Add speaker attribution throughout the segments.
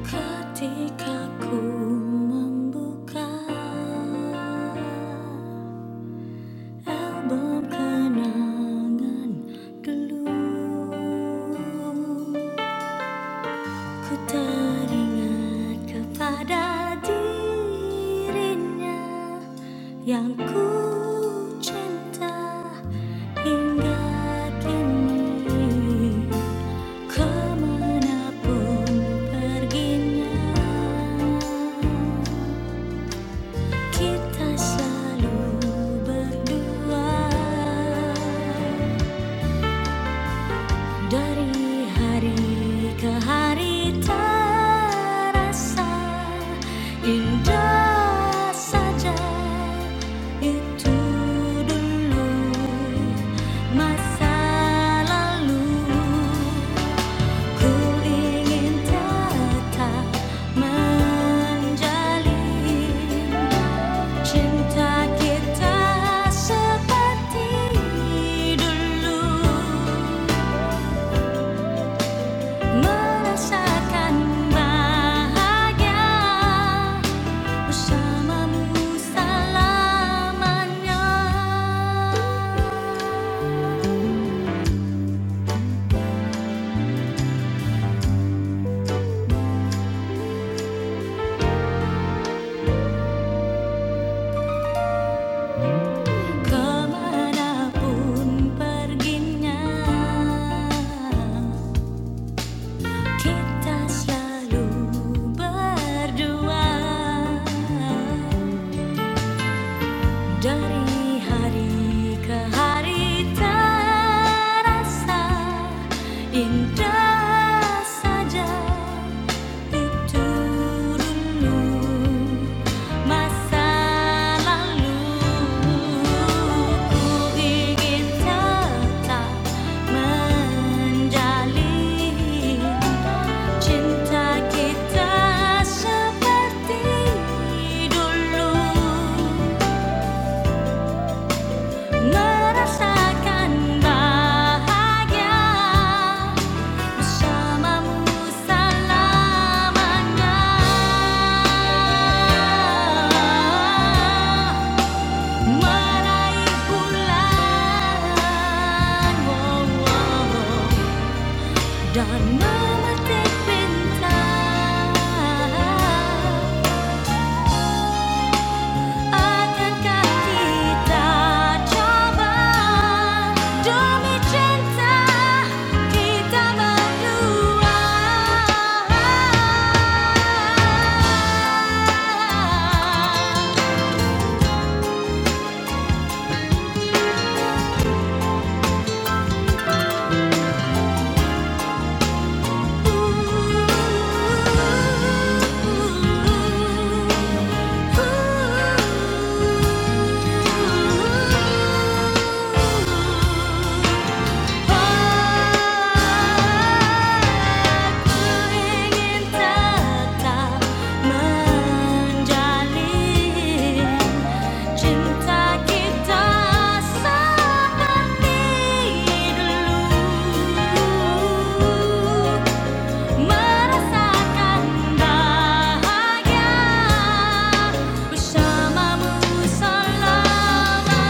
Speaker 1: Ketika ku membuka album kenangan dulu Ku teringat kepada dirinya yang ku cinta hingga kini. Kemanapun perginya, kita selalu berdua. Dari hari ke hari terasa indah saja itu dulu masa lalu ku ingin tetap menjalin Cinta kita seperti dulu Merasakan bahagia bersamamu selamanya. Kemanapun perginya, kita selalu berdua. Dari hari ke hari terasa indah saja itu dulu masa lalu ku ingin tetap menjalin cinta kita seperti dulu. Merasakan bahagia bersamamu selamanya. Meraih bulan, wow, wow, dan memetik bintang. Akankah kita coba demi cinta kita berdua? Ooh, ooh, ooh, ooh. Pagkuhingin tata menjalin cinta kita seperti dulu merasakan bahagia bersamamu selamanya.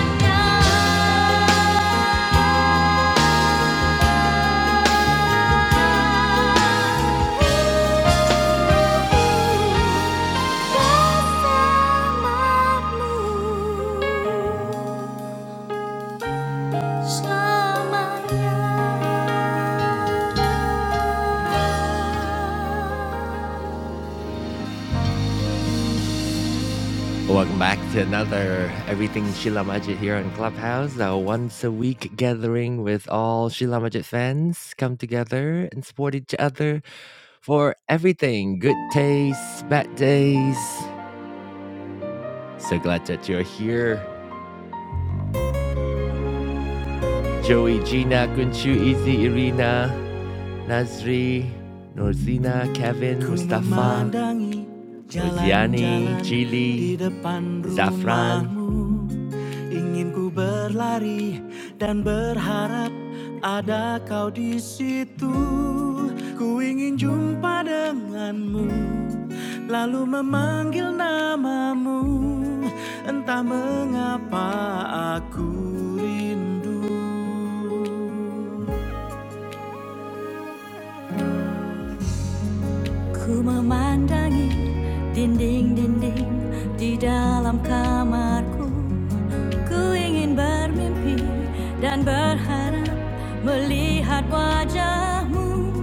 Speaker 1: Welcome back to another Everything Sheila Majid here on Clubhouse, our once a week gathering with all Sheila Majid fans come together and support each other for everything good taste, bad days, So glad that you're here. Joey, Gina, Kunchu, Izzy, Irina, Nazri, Norzina, Kevin, Ku Mustafa, memandangi Chili, Zafran. Ingin ku berlari dan berharap ada kau di situ. Ku ingin jumpa denganmu, lalu memanggil namamu. Entah mengapa aku rindu. Ku memandangi dinding-dinding di dalam kamarku Ku ingin bermimpi dan berharap melihat wajahmu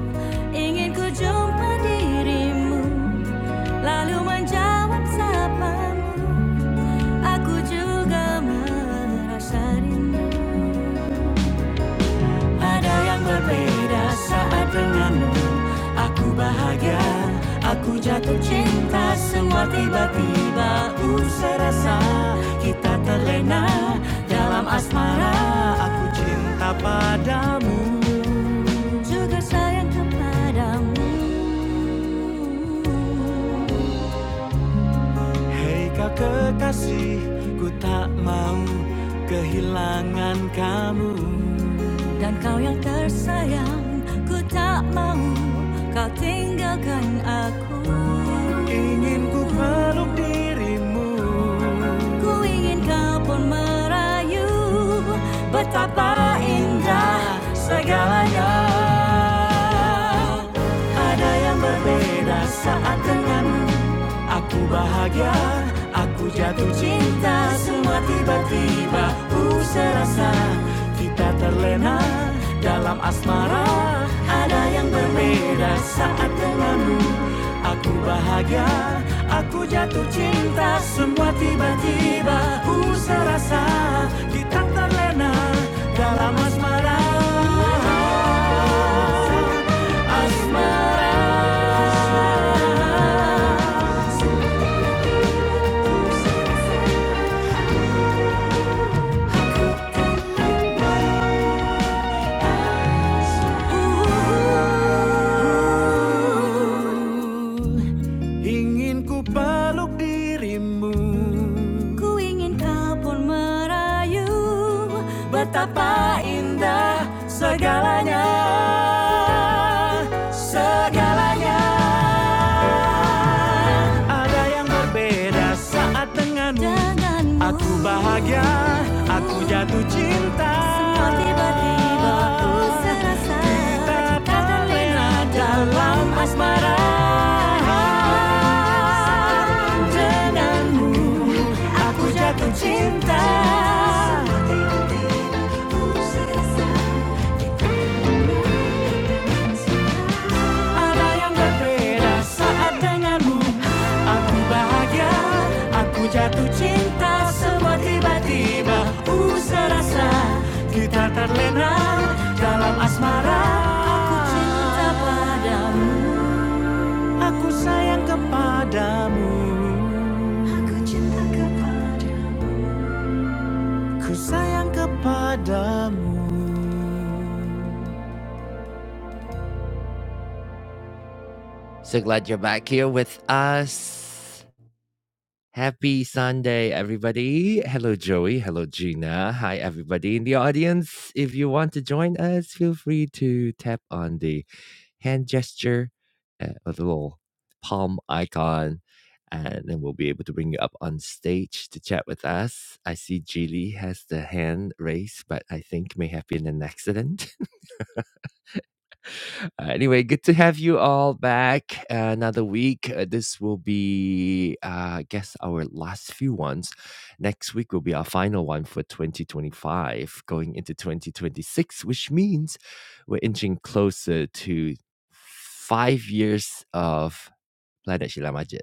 Speaker 1: Ingin ku jumpa dirimu lalu menjawab sapamu Aku juga merasa rindu Ada yang berbeda saat denganmu Aku bahagia, aku jatuh cinta Semua tiba-tiba ku serasa Kita terlena dalam asmara Aku cinta padamu Juga sayang kepadamu Hei kau kekasih Ku tak mau kehilangan kamu Dan kau yang tersayang Ku tak mau kau tinggalkan aku Ingin ku peluk dirimu Ku ingin kau pun merayu Betapa indah Segalanya Ada yang berbeda saat denganmu Aku bahagia, aku jatuh cinta Semua tiba-tiba ku serasa Kita terlena dalam asmara Ada yang berbeda saat denganmu Aku bahagia, aku jatuh cinta Semua tiba-tiba ku serasa Kita terlena dalam asmara Asmara Ingin ku peluk dirimu Ku ingin kau pun merayu Betapa indah segalanya Segalanya Ada yang berbeda saat denganmu denganmu Aku bahagia, aku jatuh cinta Semua tiba-tiba ku serasa Kita terlena dalam asmara Denganmu aku jatuh cinta cinta Ada yang berbeda saat denganmu Aku bahagia, aku jatuh cinta Semua tiba-tiba ku serasa Kita terlena dalam asmara Aku cinta padamu Aku sayang kepadamu Aku cinta kepadamu Ku sayang kepadamu So glad you're back here with us. Happy Sunday, everybody. Hello, Joey. Hello, Gina. Hi, everybody in the audience. If you want to join us, feel free to tap on the hand gesture, uh, a little palm icon, and then we'll be able to bring you up on stage to chat with us. I see Jilly has the hand raised, but I think may have been an accident. Uh, anyway, good to have you all back. Uh, another week. Uh, this will be, uh, I guess, our last few ones. Next week will be our final one for 2025, going into 2026, which means we're inching closer to five years of Planet Shila Majid.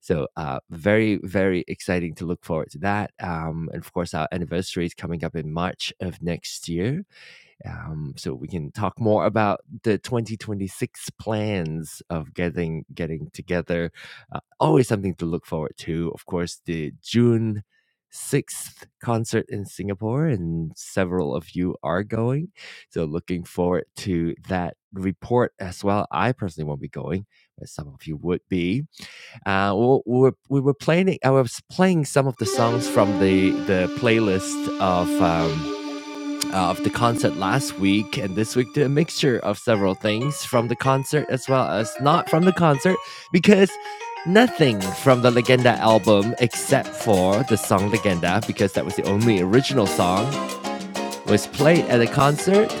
Speaker 1: So, uh, very, very exciting to look forward to that. Um, and of course, our anniversary is coming up in March of next year um, so we can talk more about the 2026 plans of getting getting together. Uh, always something to look forward to. Of course, the June 6th concert in Singapore, and several of you are going. So looking forward to that report as well. I personally won't be going, but some of you would be. Uh, we we were, we were playing. I was playing some of the songs from the the playlist of. Um, of the concert last week and this week to a mixture of several things from the concert as well as not from the concert because nothing from the Legenda album except for the song Legenda because that was the only original song was played at a concert.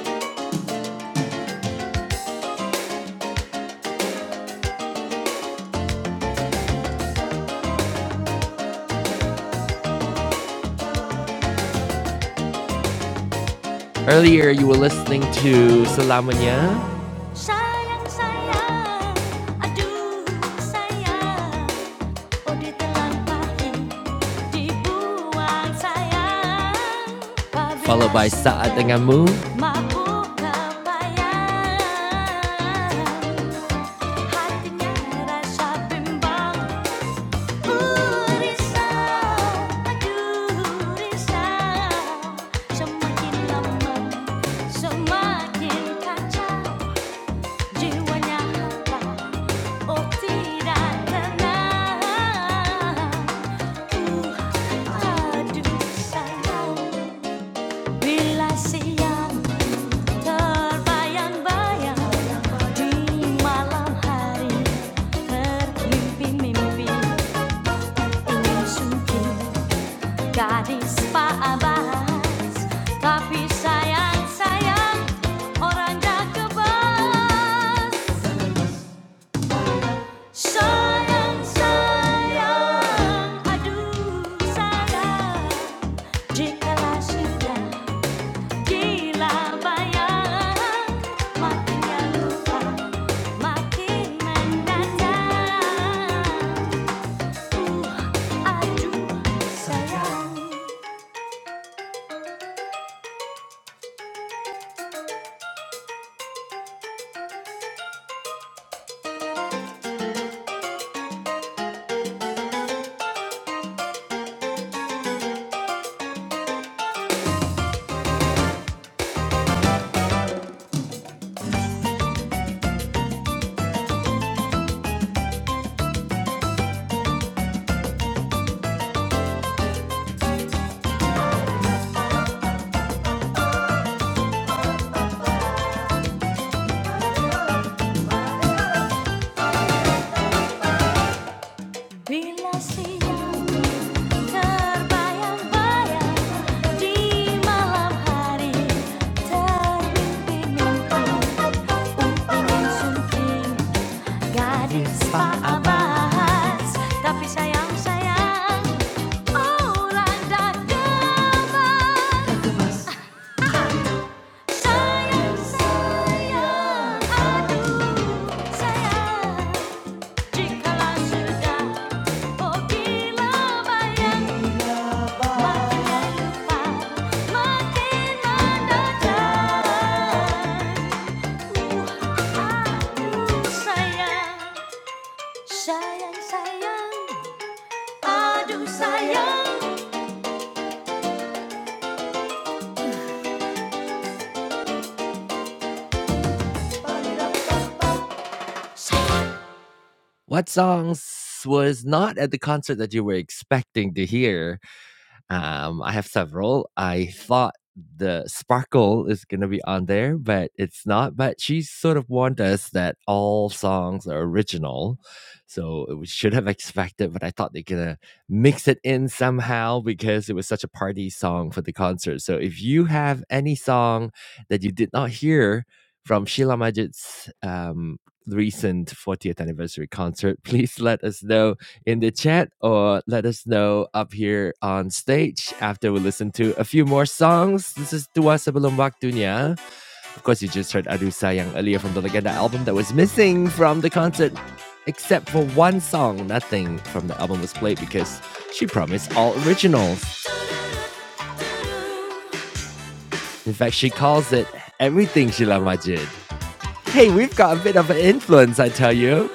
Speaker 1: Earlier you were listening to Selamanya Sayang sayang, aduh sayang, followed by Saat Denganmu. oh sayang bila siang terbayang-bayang di malam hari termimpi-mimpi ingin sungking gadis Pak Abbas tapi sayang sayang orang dah kebas Sayang, sayang, aduh sayang Jikalau sudah Gila bayang, makinnya lupa, makin mendadak. Uh, aduh sayang, bila siang terbayang-bayang di malam hari termimpi-mimpi. Umpingin sunting gadis Pak Abbas, tapi sayang sayang. Sayang, sayang, sayang, aduh sayang. What songs was not at the concert that you were expecting to hear, um, I have several. I thought the sparkle is going to be on there, but it's not. But she sort of warned us that all songs are original. So we should have expected, but I thought they're going to mix it in somehow because it was such a party song for the concert. So if you have any song that you did not hear from Sheila Majid's um, recent 40th anniversary concert, please let us know in the chat or let us know up here on stage after we listen to a few more songs. This is Dua Sebelum Waktunya. Of course, you just heard aduh Sayang earlier from the Legenda album that was missing from the concert. Except for one song, nothing from the album was played because she promised all originals. In fact, she calls it everything Sheila Majid. Hey, we've got a bit of an influence, I tell you.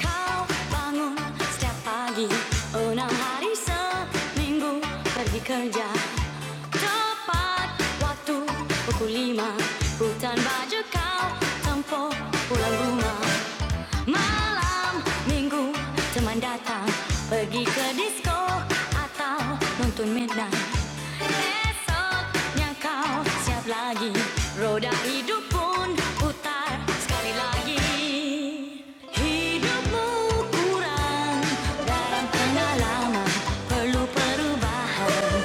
Speaker 1: Kau bangun setiap pagi Enam hari seminggu pergi kerja Tepat waktu pukul lima Hutan baju kau tempo pulang rumah Malam minggu teman datang Pergi ke disco atau nonton midnight Esoknya kau siap lagi Roda hidup pun putar sekali lagi Hidupmu kurang dalam pengalaman Perlu perubahan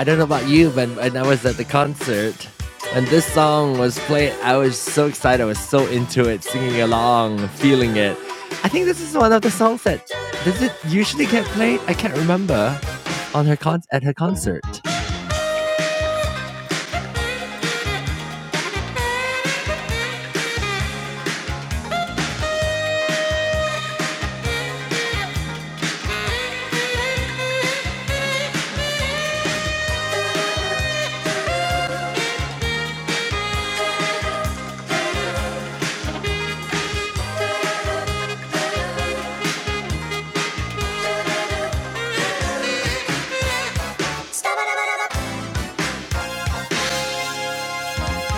Speaker 1: I don't know about you, but when I was at the concert and this song was played, I was so excited. I was so into it, singing along, feeling it. I think this is one of the songs that does it usually get played. I can't remember on her con- at her concert.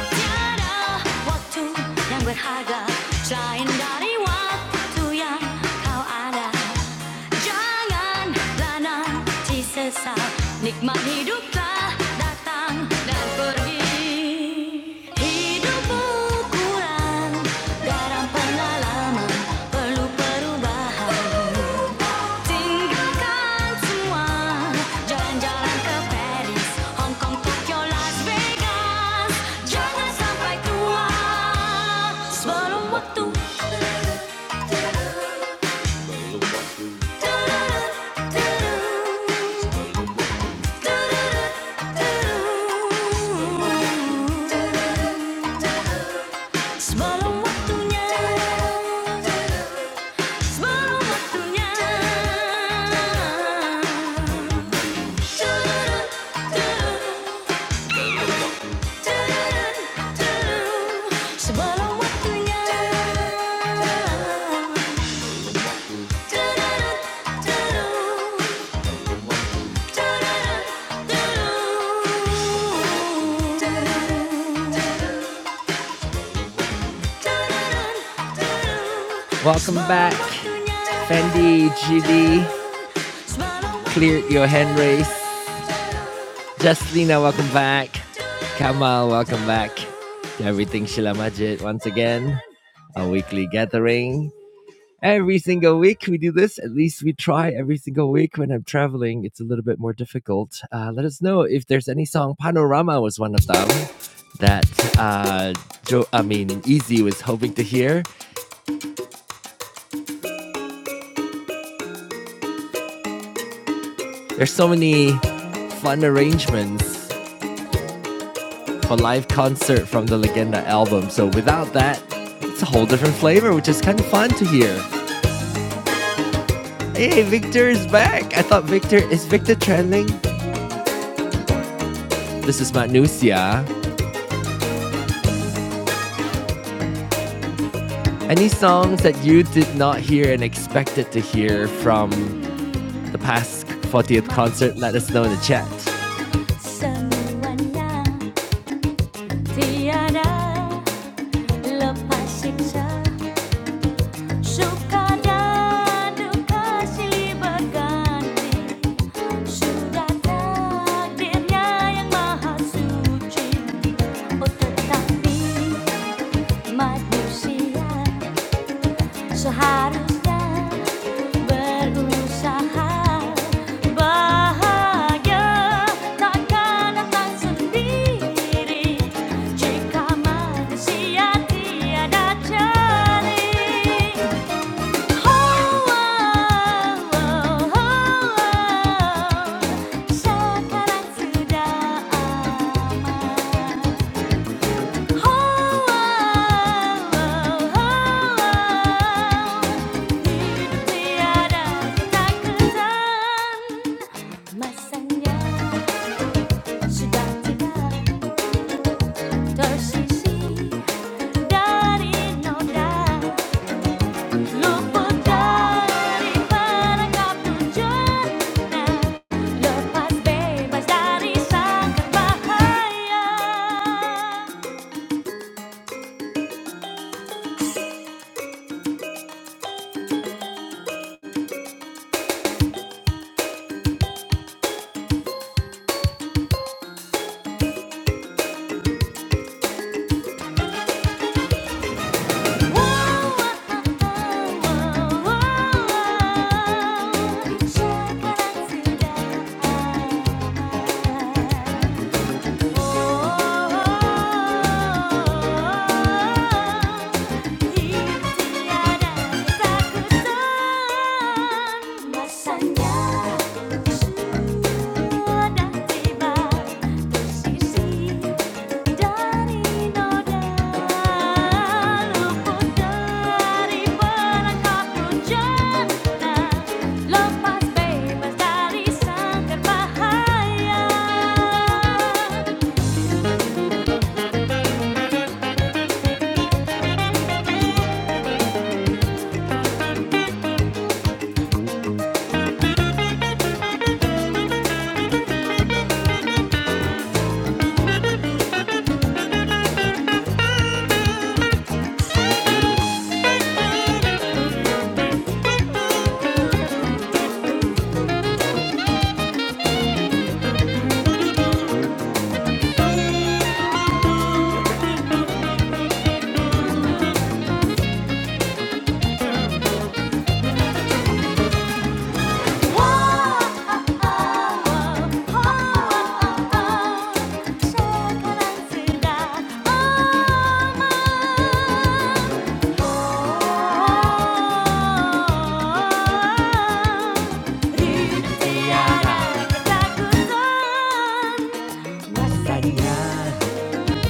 Speaker 1: tiada waktu yang berharga selain dari waktu yang kau ada. Janganlah nanti sesal nikmat hiduplah datang dan pergi. Hidupmu kurang garam pengalaman perlu perubahan. Sebelum waktunya, sebelum waktunya. Welcome back, Fendi, GD, cleared your hand race. Justina, welcome back. Kamal, welcome back to Everything Shila Majid once again, our weekly gathering. Every single week we do this. At least we try every single week. When I'm traveling, it's a little bit more difficult. Uh, let us know if there's any song. Panorama was one of them that uh, Joe, I mean, Easy was hoping to hear. There's so many fun arrangements a live concert from the Legenda album. So without that, it's a whole different flavor, which is kind of fun to hear. Hey, Victor is back. I thought Victor is Victor trending. This is Matt Nusia. Any songs that you did not hear and expected to hear from the past 40th concert? Let us know in the chat. Semuanya tiada lepas siksa Suka dan duka silih Sudah takdirnya yang maha suci Oh tetapi manusia seharusnya berusaha Bahagia takkan datang sendiri Jika manusia tiada jari Masanya sudah tidak tersisi dari noda Lupa dari perangkap tujuannya Lepas bebas dari sangkar bahaya Sekarang sudah Masanya sudah tiba sisi dari noda luput dari perangkap rujana lepas bebas dari sangkar bahaya. Pasangan Pasangan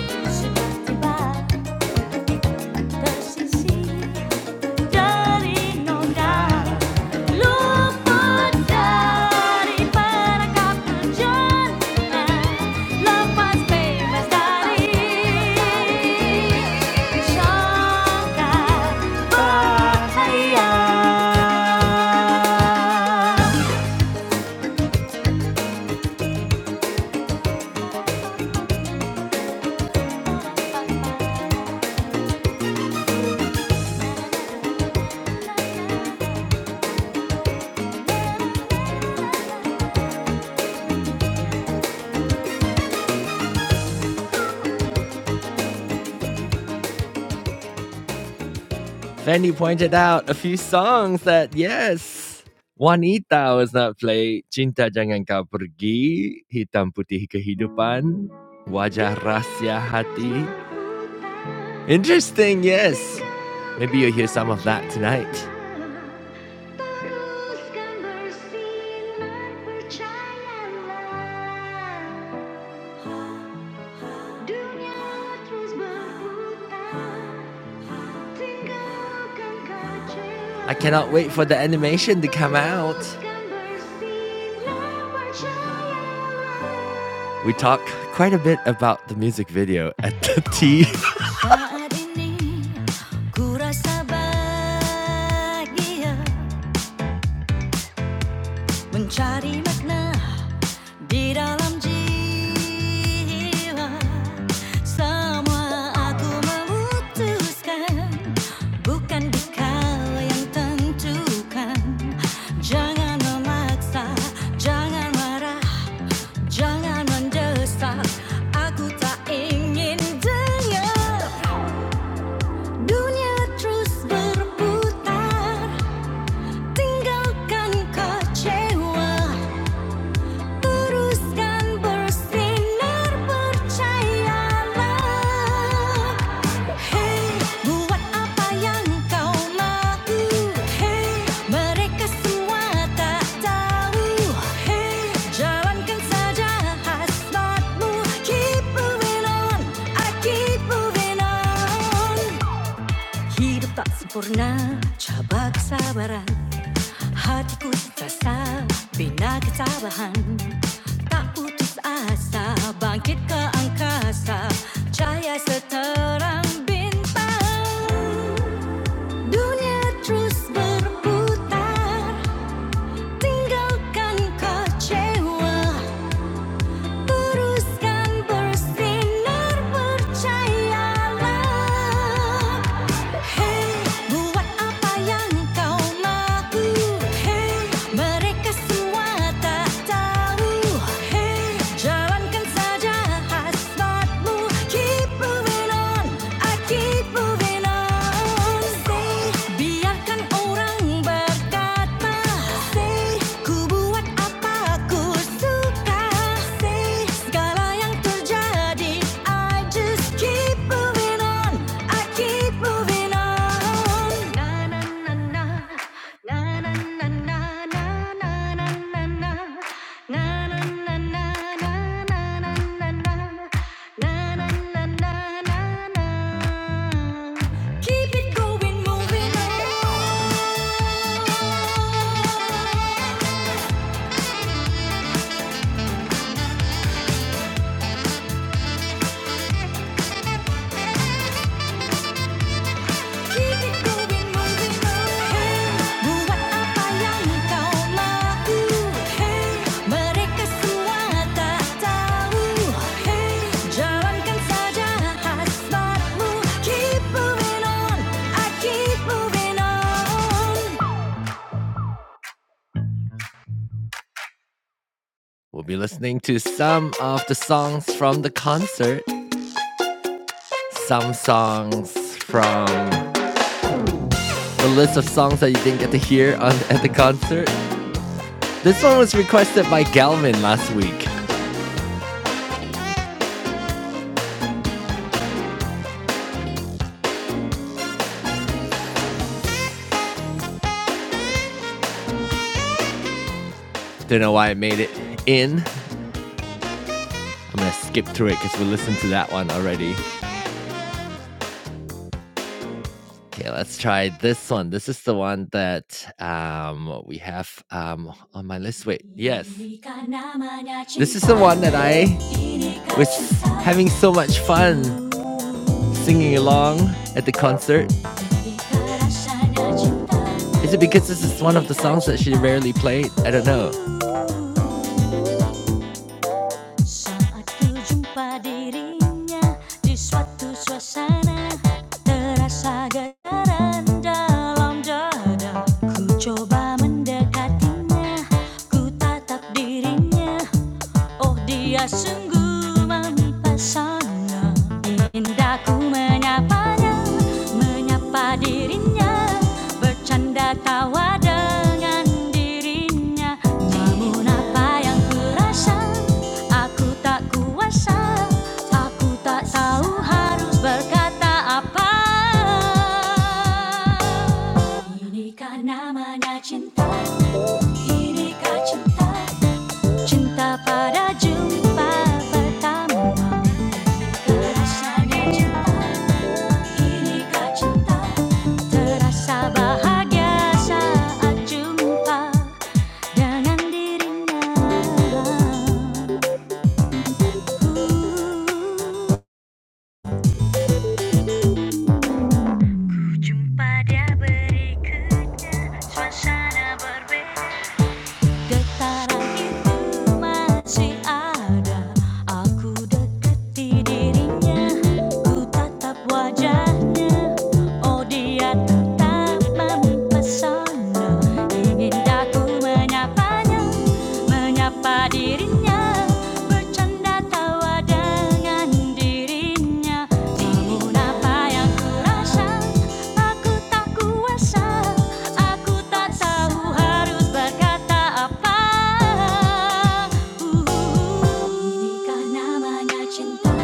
Speaker 1: Sudah tiba tersisih Daddy, no doubt. Luput daripada kepujian Lepas bebas dari syaka bahaya Fanny pointed out a few songs that, yes, Juanita was not played. Cinta Jangan Kau Pergi, Hitam Putih Kehidupan, Wajah rahsia Hati. Interesting, yes. Maybe you'll hear some of that tonight. I cannot wait for the animation to come out. We talk quite a bit about the music video at the tea. Di dalam jiwa semua aku memutuskan Bukan dikau yang tentukan Jangan memaksa, jangan marah Jangan mendesak, aku tak ingin dengar Dunia terus berputar, tinggalkan kecewa Hey buat apa yang kau mau Hey mereka semua tak tahu Hey jalankan saja hasratmu Keep moving on, I keep moving on Hidup tak sempurna, cabak kesabaran. Hatiku sesat, bina ketabahan Tak putus asa, bangkit ke angkasa Cahaya seterang bintang Dunia terus berputar Tinggalkan kecewa Teruskan bersinar percayalah Hey buat apa yang kau mahu Hey mereka semua tak tahu Hey jalankan saja hasratmu Keep moving on, I keep moving on Say biarkan orang berkata Say ku you do what? I'm not sure. Say, all that's happened, I just keep moving on. I keep moving on. Na na na na. Na na na na na na na na. Na na na na na na na na. Na na na na na. Keep it going, moving on. Hey, Hey, Hey, We'll be listening to some of the songs from the concert, some songs from the list of songs that you didn't get to hear on, at the concert, This one was requested by Galvin last week. Don't know why it made it in. I'm gonna skip through it because we listened to that one already. Okay, let's try this one. This is the one that um, we have um, on my list. Wait, yes. This is the one that I was having so much fun singing along at the concert. Is it because this is one of the songs that she rarely played? I don't know. Saat ku jumpa dirinya di suatu suasana Terasa getaran dalam dada Ku coba mendekatinya, ku tatap dirinya Oh dia sungguh mempesona Indahku menyapanya Menyapa dirinya Bercanda tawa dengan dirinya Namun apa yang ku kurasa Aku tak kuasa Aku tak tahu harus berkata apa Inikah namanya cinta Inikah cinta Cinta pada jumpa pertama Rasanya cinta, inikah cinta Terasa bahagia saat jumpa Dengan dirinya Ku Jumpa dia berikutnya Suasana berbeda Getaran itu masih ada Aku deketi dirinya Ku tatap wajahnya Oh dia tetap mempesona Ingin aku menyapanya Menyapa dirinya bercanda tawa namanya cinta,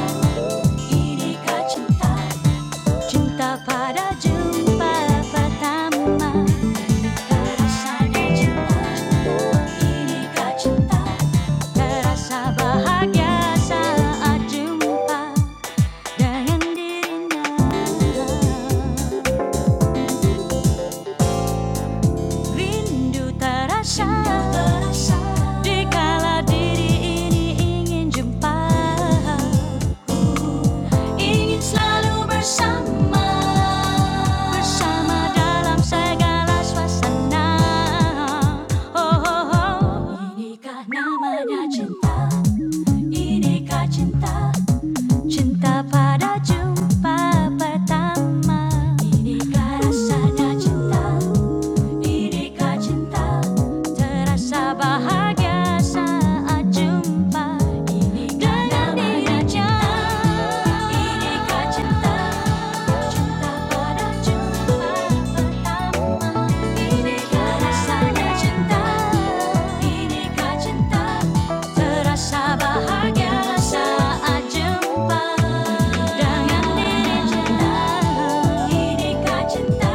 Speaker 1: inikah cinta Cinta pada jumpa pertama Terasa dicinta Inikah cinta Terasa bahagia saat jumpa Dengan dirinya Rindu terasa Dikala diri ini ingin jumpa Ingin selalu bersama Bersama dalam segala suasana Oh, oh, oh. Inikah namanya cinta Inikah cinta cinta pada jumpa pertama Inikah rasanya cinta Inikah cinta Terasa bahagia saat jumpa Inikah namanya cinta Inikah cinta Cinta pada jumpa pertama Inikah rasanya cinta Ini kah terasa bahagia saat jumpa dengan Ini kah cinta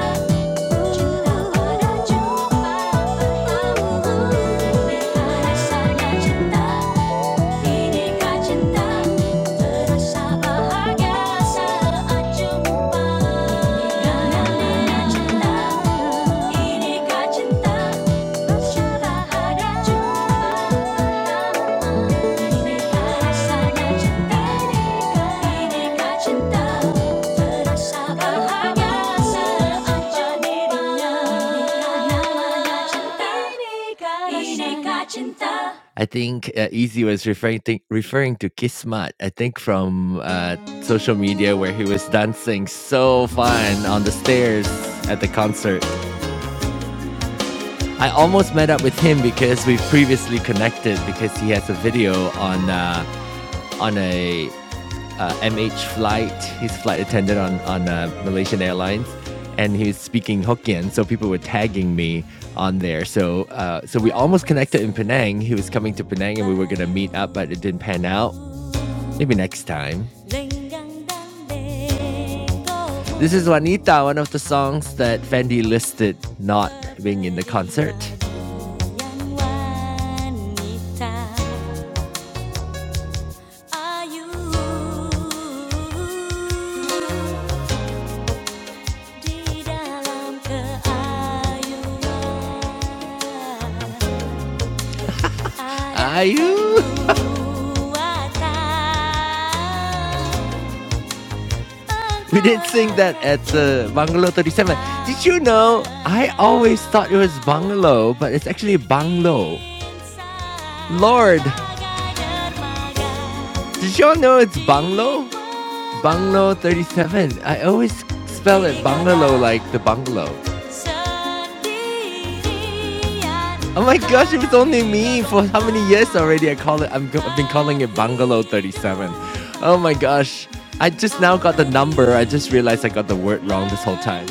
Speaker 1: pada jumpa pertama. Betapa cinta inikah cinta terasa bahagia saat jumpa. Inikah cinta, inikah cinta bersyukur ada jumpa pertama. Inikah rasanya cinta, inikah terasa bahagia saat jadinya. Inikah namanya cinta, inikah cinta. I think uh, Easy was referring to, referring to Kismat. I think from uh, social media where he was dancing so fun on the stairs at the concert. I almost met up with him because we've previously connected because he has a video on uh, on a uh, MH flight, his flight attendant on on uh, Malaysian Airlines, and he was speaking Hokkien, so people were tagging me on there. So uh, so we almost connected in Penang. He was coming to Penang, and we were gonna meet up, but it didn't pan out. Maybe next time. This is Juanita, one of the songs that Fendi listed not being in the concert. Di Ayu! We did sing that at uh, Bungalow 37. Did you know? I always thought it was Bungalow, but it's actually banglo. Lord, did y'all know it's Bungalow? Bungalow 37. I always spell it Bungalow like the bungalow. Oh my gosh, it was only me for how many years already? I call it. I'm, I've been calling it Bungalow 37. Oh my gosh, I just now got the number. I just realized I got the word wrong this whole time.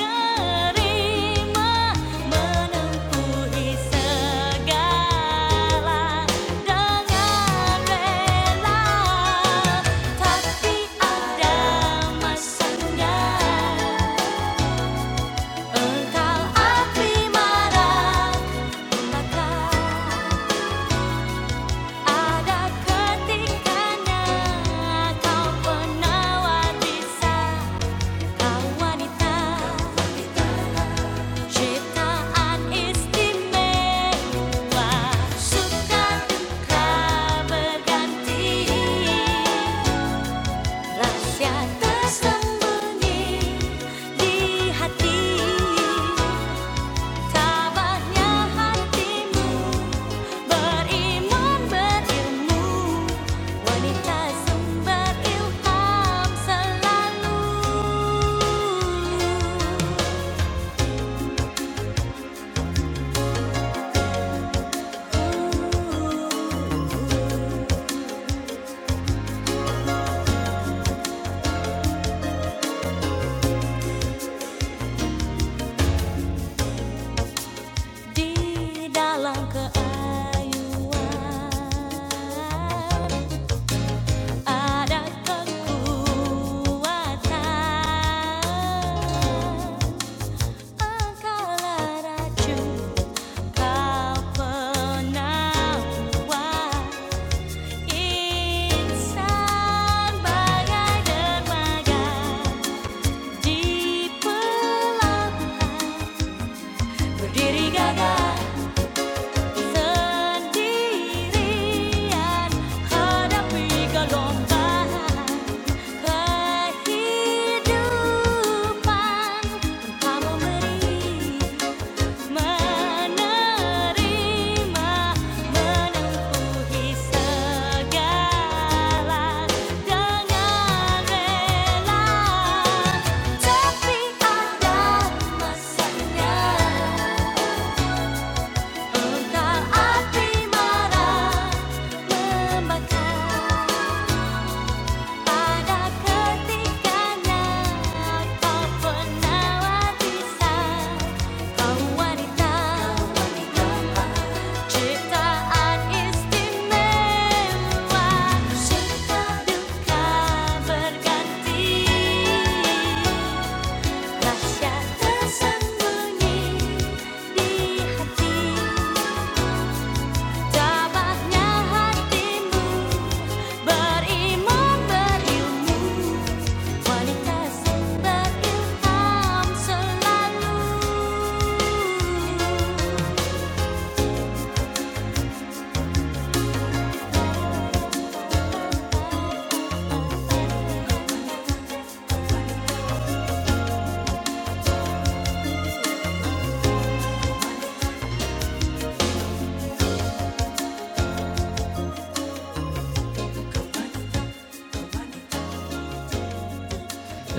Speaker 1: Engkau api maratunaka Ada ketingkahnya Kau penawar bisa Kau wanita Ciptaan istimewa Suka duka berganti Rahasia tersembunyi di hati Tabahnya hatimu beriman berilmu wanita sumber ilham selalu. Di dalam keayuan ada kekuatan. Engkaulah racun Kehidupan tanpa memberi Menerima, menempuhi segala dengan rela, tapi ada masanya engkau api marah membakar. Pada ketika apapun bisa kau wanita, ciptaan istimewa, cinta duka berganti, rahsia tersembunyi di hati. Tabahnya hatimu beriman berilmu wanita berilham selalu.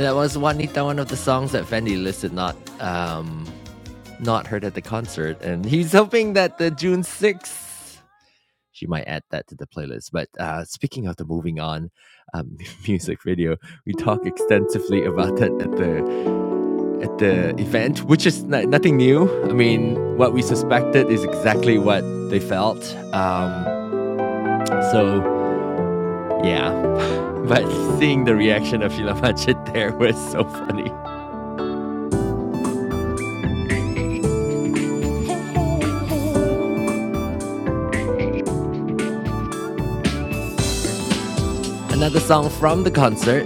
Speaker 1: That was Wanita, one of the songs that Fendi listed, not um, not heard at the concert, and he's hoping that the June sixth she might add that to the playlist. But uh, speaking of the moving on um, music video, we talk extensively about that at the at the event, which is no- nothing new. I mean, what we suspected is exactly what they felt. Um, so, yeah. But seeing the reaction of Sheila Majid there was so funny. Another song from the concert.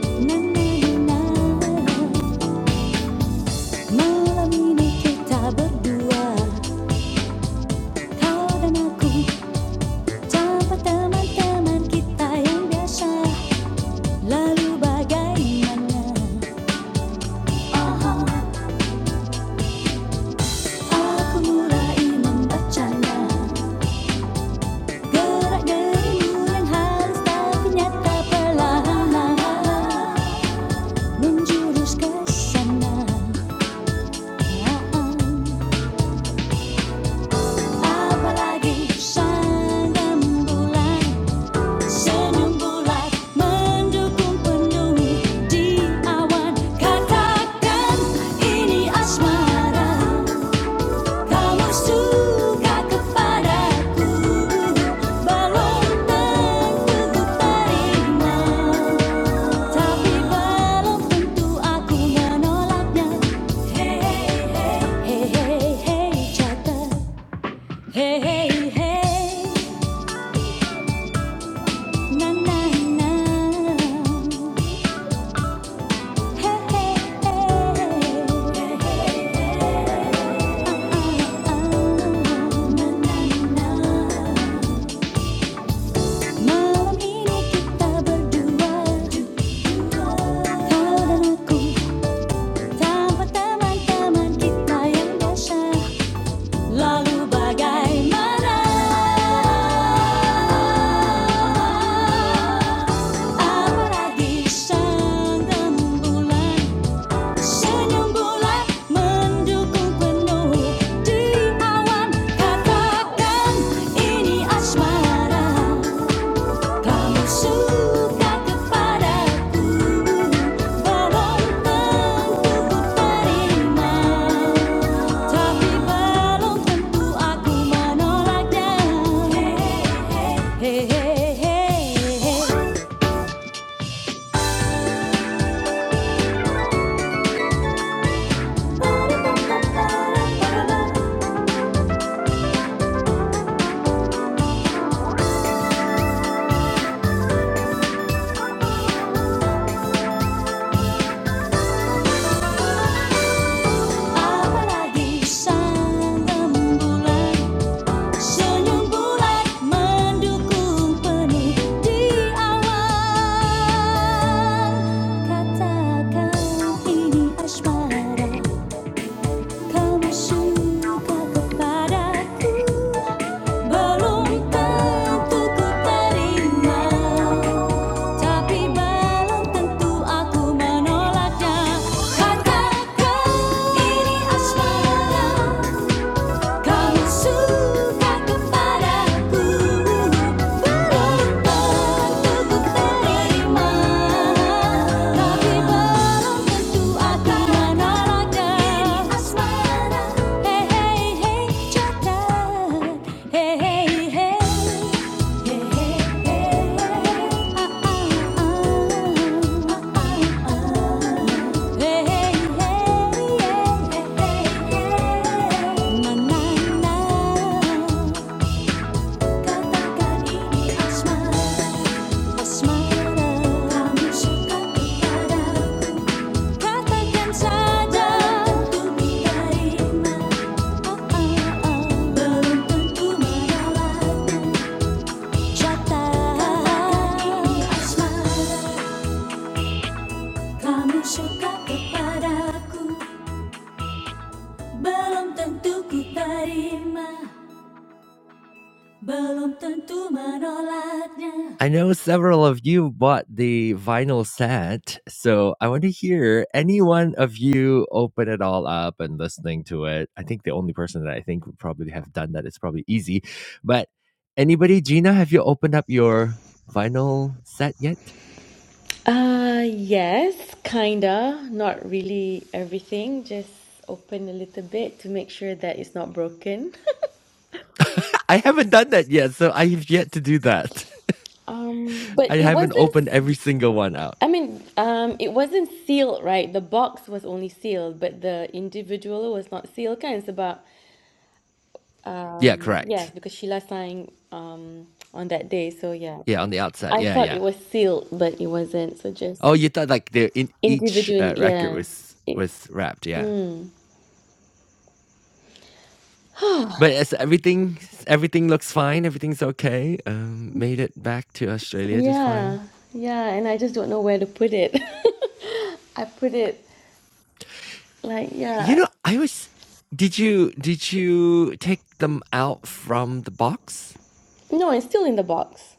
Speaker 1: Aku mulai membacanya Gerak dirimu yang halus tapi nyata perlahan Menjurus ke sana Apalagi sangat Senyum bulat mendukung penuh di awan Katakan ini asmara Kalau suka kepadaku, belum tentu terima. Tapi belum tentu aku menolaknya. Hey hey hey hey jaga, hey hey hey na na na, hey hey hey hey hey ah ah ah na na na. Malam ini kita berdua Kau dan aku teman-teman kita yang biasa Lalu bagaimana Apalagi sang rembulan Senyum bulan mendukung penuh Di awan katakan ini asmara Kamu suka kepadaku, belum tentu terima, tapi belum tentu aku menolaknya. Apalagi sang rembulan Senyum bulat mendukung penuh di awan Katakan ini asmara Kamu suka kepadaku Belum tentu ku terima Tapi belum tentu aku menolaknya Katakan ini asmara Kau suka kepadaku, tentu terima, tapi belum tentu akan menolaknya. Ini asmara, hey hey hey, jaga, hey hey hey. Belum tentu merawatmu I know several of you bought the vinyl set, so I want to hear any one of you open it all up and listening to it. I think the only person that I think would probably have done that is probably easy. But anybody, Gina, have you opened up your vinyl set yet?
Speaker 2: Uh, yes, kinda. Not really everything, just open a little bit to make sure that it's not broken.
Speaker 1: I haven't done that yet, so I have yet to do that.
Speaker 2: Um, but
Speaker 1: I
Speaker 2: it
Speaker 1: haven't
Speaker 2: wasn't,
Speaker 1: opened every single one out.
Speaker 2: I mean, um, it wasn't sealed, right? The box was only sealed, but the individual was not sealed, kind of about,
Speaker 1: Yeah,
Speaker 2: um, yes,
Speaker 1: correct.
Speaker 2: because Sheila signed, um, on that day, so yeah.
Speaker 1: Yeah, on the outside.
Speaker 2: I
Speaker 1: Yeah,
Speaker 2: thought
Speaker 1: yeah.
Speaker 2: it was sealed, but it wasn't, so just
Speaker 1: Oh, you thought like the in each
Speaker 2: individually,
Speaker 1: uh, record
Speaker 2: yeah.
Speaker 1: was
Speaker 2: It,
Speaker 1: was wrapped. Yeah, but it's everything everything looks fine. Everything's okay. Um, made it back to Australia just fine.
Speaker 2: yeah, yeah, and I just don't know where to put it. I put it like
Speaker 1: You
Speaker 2: yeah.
Speaker 1: know, I was. Did you did you take them out from the box?
Speaker 2: No, it's still in the box.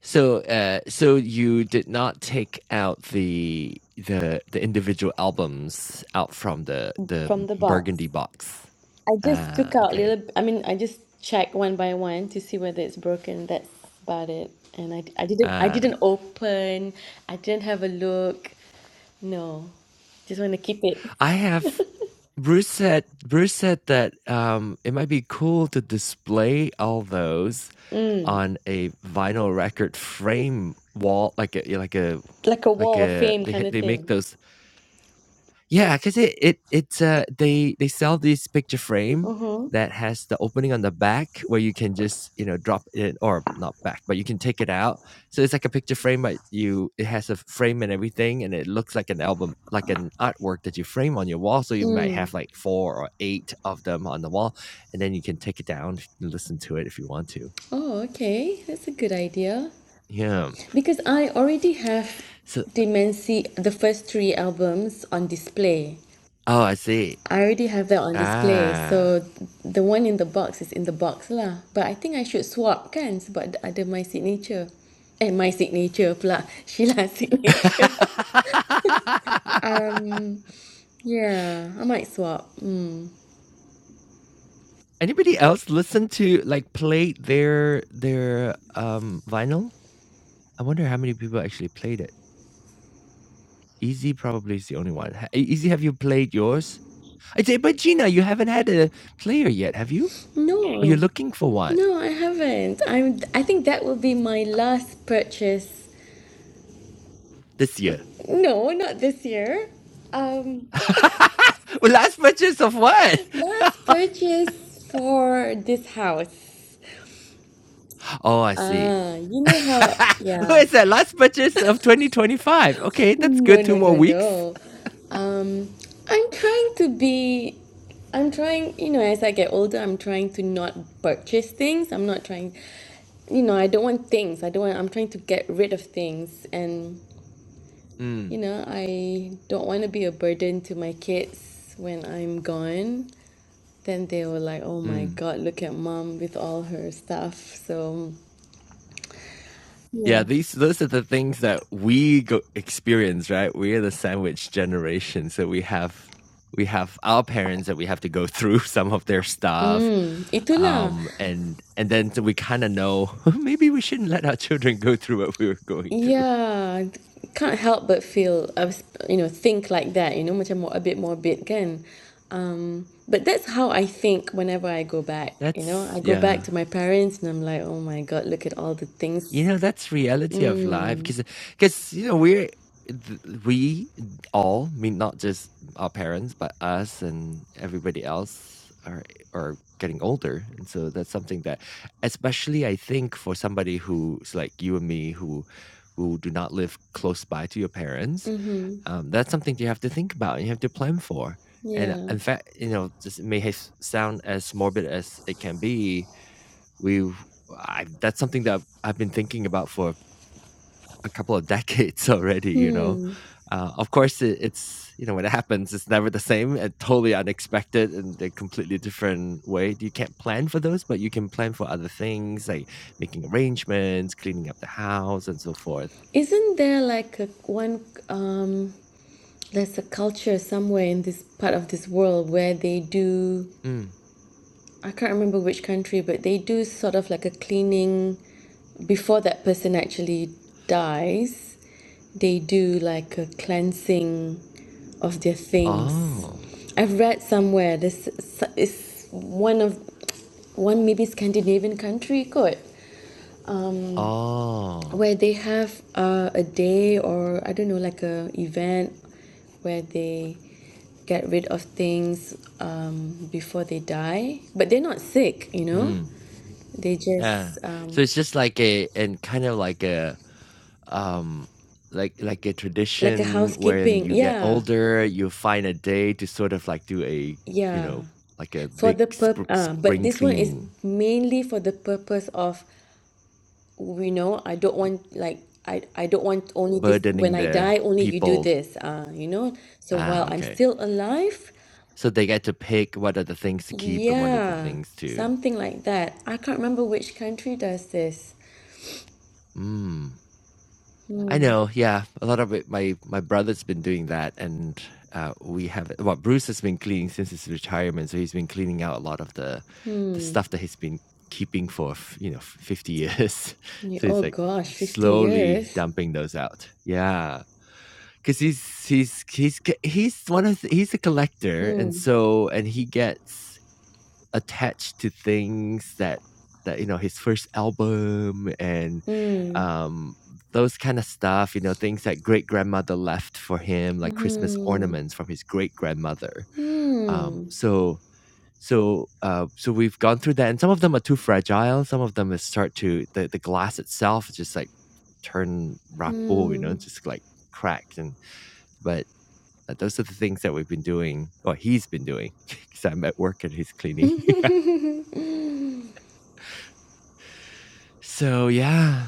Speaker 1: So, uh, so you did not take out the the the individual albums out from the the
Speaker 2: From the box.
Speaker 1: Burgundy box.
Speaker 2: I just
Speaker 1: Uh,
Speaker 2: took out
Speaker 1: okay.
Speaker 2: little I mean I just checked one by one to see whether it's broken. That's about it. And I, I didn't I
Speaker 1: Uh,
Speaker 2: didn't open. I didn't have a look. No. Just want to keep it.
Speaker 1: I have Bruce said Bruce said that um, it might be cool to display all those
Speaker 2: Mm.
Speaker 1: on a vinyl record frame wall, like a like a
Speaker 2: Like a
Speaker 1: like
Speaker 2: wall of
Speaker 1: a
Speaker 2: fame
Speaker 1: they ha-
Speaker 2: kind of
Speaker 1: they make
Speaker 2: thing.
Speaker 1: those Yeah, cause it it it's, uh they they sell this picture frame
Speaker 2: Mm-hmm.
Speaker 1: that has the opening on the back where you can just, you know, drop it or not back, but you can take it out. So it's like a picture frame, but you it has a frame and everything, and it looks like an album like an artwork that you frame on your wall, so you might
Speaker 2: Mm.
Speaker 1: have, like, 4 or 8 of them on the wall, and then you can take it down and listen to it if you want to.
Speaker 2: Oh, okay. That's a good idea.
Speaker 1: Yeah.
Speaker 2: Because I already have
Speaker 1: So
Speaker 2: Demency, the first three albums on display.
Speaker 1: Oh, I see.
Speaker 2: I already have that on display
Speaker 1: Ah.
Speaker 2: so the one in the box is in the box lah but I think I should swap kan sebab ada my signature eh my signature pula Sheila's signature um yeah I might swap mm.
Speaker 1: Anybody else listen to like play their their um vinyl? I wonder how many people actually played it. Easy probably is the only one. Ha- Easy, have you played yours? I say, but Gina, you haven't had a player yet, have you? Or you're
Speaker 2: no
Speaker 1: looking for one
Speaker 2: no I haven't I'm I think that will be my last purchase
Speaker 1: this year?
Speaker 2: no not this year um
Speaker 1: well, last purchase of what?
Speaker 2: last purchase for this house
Speaker 1: oh, I see.
Speaker 2: Ah, you know how,
Speaker 1: Who
Speaker 2: yeah.
Speaker 1: is that? Last purchase of 2025. Okay, that's
Speaker 2: No,
Speaker 1: good. Two
Speaker 2: no,
Speaker 1: more
Speaker 2: no,
Speaker 1: weeks.
Speaker 2: no. Um, I'm trying to be, I'm trying, you know, as I get older, I'm trying to not purchase things. I'm not trying, you know, I don't want things. I don't want, I'm trying to get rid of things. And,
Speaker 1: Mm,
Speaker 2: you know, I don't want to be a burden to my kids when I'm gone. Then they were like, oh
Speaker 1: mm.
Speaker 2: my God, look at mom with all her stuff. So,
Speaker 1: Yeah,
Speaker 2: yeah.
Speaker 1: these those are the things that we go experience, right? We are the sandwich generation, so we have we have our parents that we have to go through some of their stuff,
Speaker 2: Itulah.
Speaker 1: um, and and then so we kind of know maybe we shouldn't let our children go through what we were going through.
Speaker 2: Yeah, can't help but feel uh you know think like that you know macam more a bit morbid kan um but that's how I think whenever I go back you know
Speaker 1: That's
Speaker 2: I go
Speaker 1: yeah,
Speaker 2: back to my parents and I'm like oh my god look at all the
Speaker 1: You
Speaker 2: things
Speaker 1: know, that's reality of life because because you know we're th- we all I mean not just our parents but us and everybody else are are getting older and so that's something that especially I think for somebody who's like you and me who who do not live close by to your parents
Speaker 2: mm-hmm
Speaker 1: um, that's something you have to think about and you have to plan for and uh,
Speaker 2: yeah
Speaker 1: in fact you know this may have sound as morbid as it can be we've I, that's something that I've been thinking about for a couple of decades already. You know,
Speaker 2: hmm
Speaker 1: uh, of course, it, it's you know when it happens, it's never the same and totally unexpected and a completely different way. You can't plan for those, but you can plan for other things like making arrangements, cleaning up the house, and so forth.
Speaker 2: isn't there like a one um there's a culture somewhere in this part of this world where they do
Speaker 1: Mm.
Speaker 2: I can't remember which country, but they do sort of like a cleaning before that person actually dies. They do like a cleansing of their things.
Speaker 1: Oh,
Speaker 2: I've read somewhere this is one of one maybe Scandinavian country kot. Um,
Speaker 1: oh,
Speaker 2: where they have uh, a day or I don't know like a event where they get rid of things um, before they die but they're not sick you know they
Speaker 1: Yeah.
Speaker 2: just
Speaker 1: So
Speaker 2: um,
Speaker 1: it's just like a and kind of like a um like like a
Speaker 2: like a
Speaker 1: tradition when
Speaker 2: housekeeping
Speaker 1: you get
Speaker 2: yeah
Speaker 1: older, you find a day to sort of like do a, you
Speaker 2: yeah
Speaker 1: know, like a
Speaker 2: for
Speaker 1: big
Speaker 2: the purp
Speaker 1: sp-
Speaker 2: uh, but
Speaker 1: spring
Speaker 2: this one is
Speaker 1: cleaning,
Speaker 2: mainly for the purpose of you know I don't want like I, I don't want only this when
Speaker 1: burdening
Speaker 2: I
Speaker 1: the
Speaker 2: die only you do
Speaker 1: people.
Speaker 2: this uh, you know so
Speaker 1: Ah,
Speaker 2: while I'm
Speaker 1: okay.
Speaker 2: still alive
Speaker 1: So they get to pick what are the things to keep and what are the
Speaker 2: Yeah,
Speaker 1: things to.
Speaker 2: something like that. I can't remember which country does this.
Speaker 1: hmm. I know, yeah. A lot of it, my my brother's been doing that, and uh, we have. Well, Bruce has been cleaning since his retirement, so he's been cleaning out a lot of the the
Speaker 2: Hmm.
Speaker 1: stuff that he's been keeping for you know fifty years.
Speaker 2: Ye-
Speaker 1: so he's
Speaker 2: Oh
Speaker 1: like
Speaker 2: gosh, 50
Speaker 1: slowly
Speaker 2: years.
Speaker 1: dumping those out. Yeah, because he's he's he's he's one of the, he's a collector, and
Speaker 2: Hmm.
Speaker 1: so and he gets attached to things that that you know his first album and
Speaker 2: Hmm.
Speaker 1: um those kind of stuff you know things that great grandmother left for him like christmas
Speaker 2: Hmm.
Speaker 1: ornaments from his great grandmother um
Speaker 2: Hmm.
Speaker 1: so so uh so we've gone through that and some of them are too fragile some of them is start to the, the glass itself is just like turn rapo you know
Speaker 2: Hmm.
Speaker 1: just like cracked and but uh, those are the things that we've been doing or he's been doing because i'm at work and he's cleaning So yeah.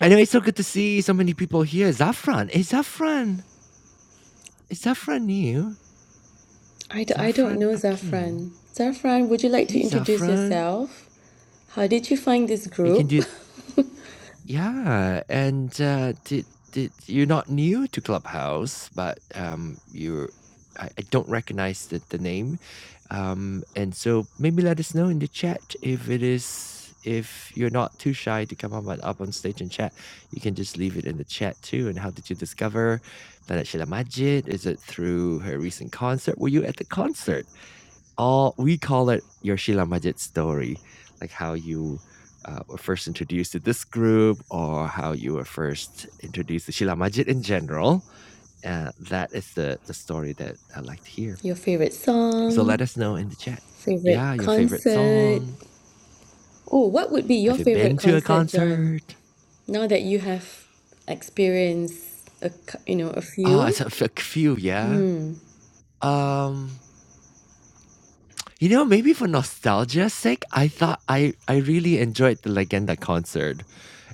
Speaker 1: I know it's so good to see so many people here. Zafran. Hey Zafran. Is Zafran new?
Speaker 2: I, d I don't
Speaker 1: Zafran
Speaker 2: know,
Speaker 1: Akim.
Speaker 2: Zafran. Zafran, would you like
Speaker 1: Hey
Speaker 2: to introduce
Speaker 1: Zafran.
Speaker 2: yourself? How did you find this
Speaker 1: You can
Speaker 2: group?
Speaker 1: do Yeah, and, uh, did did you're not new to Clubhouse, but, um, you're I I don't recognize the the name, um, and so maybe let us know in the chat if it is if you're not too shy to come up on up on stage and chat, you can just leave it in the chat too, and how did you discover Planet Sheila Majid? Is it through her recent concert? Were you at the concert? all we call it your Sheila Majid story, like how you uh, were first introduced to this group or how you were first introduced to Sheila Majid in general. Uh, that is the, the story that I like to hear.
Speaker 2: Your favorite
Speaker 1: So let
Speaker 2: song,
Speaker 1: us know in the chat.
Speaker 2: favorite
Speaker 1: Yeah, your favorite
Speaker 2: concert?
Speaker 1: song.
Speaker 2: Oh, what would be
Speaker 1: Have
Speaker 2: your
Speaker 1: you
Speaker 2: favorite
Speaker 1: been to a
Speaker 2: concert, John?
Speaker 1: concert?
Speaker 2: Now that you have experienced a, cou- you know, a
Speaker 1: Oh, it's
Speaker 2: few.
Speaker 1: a f- few, yeah. Um, you know, maybe for nostalgia's sake, I thought I I really enjoyed the Legenda concert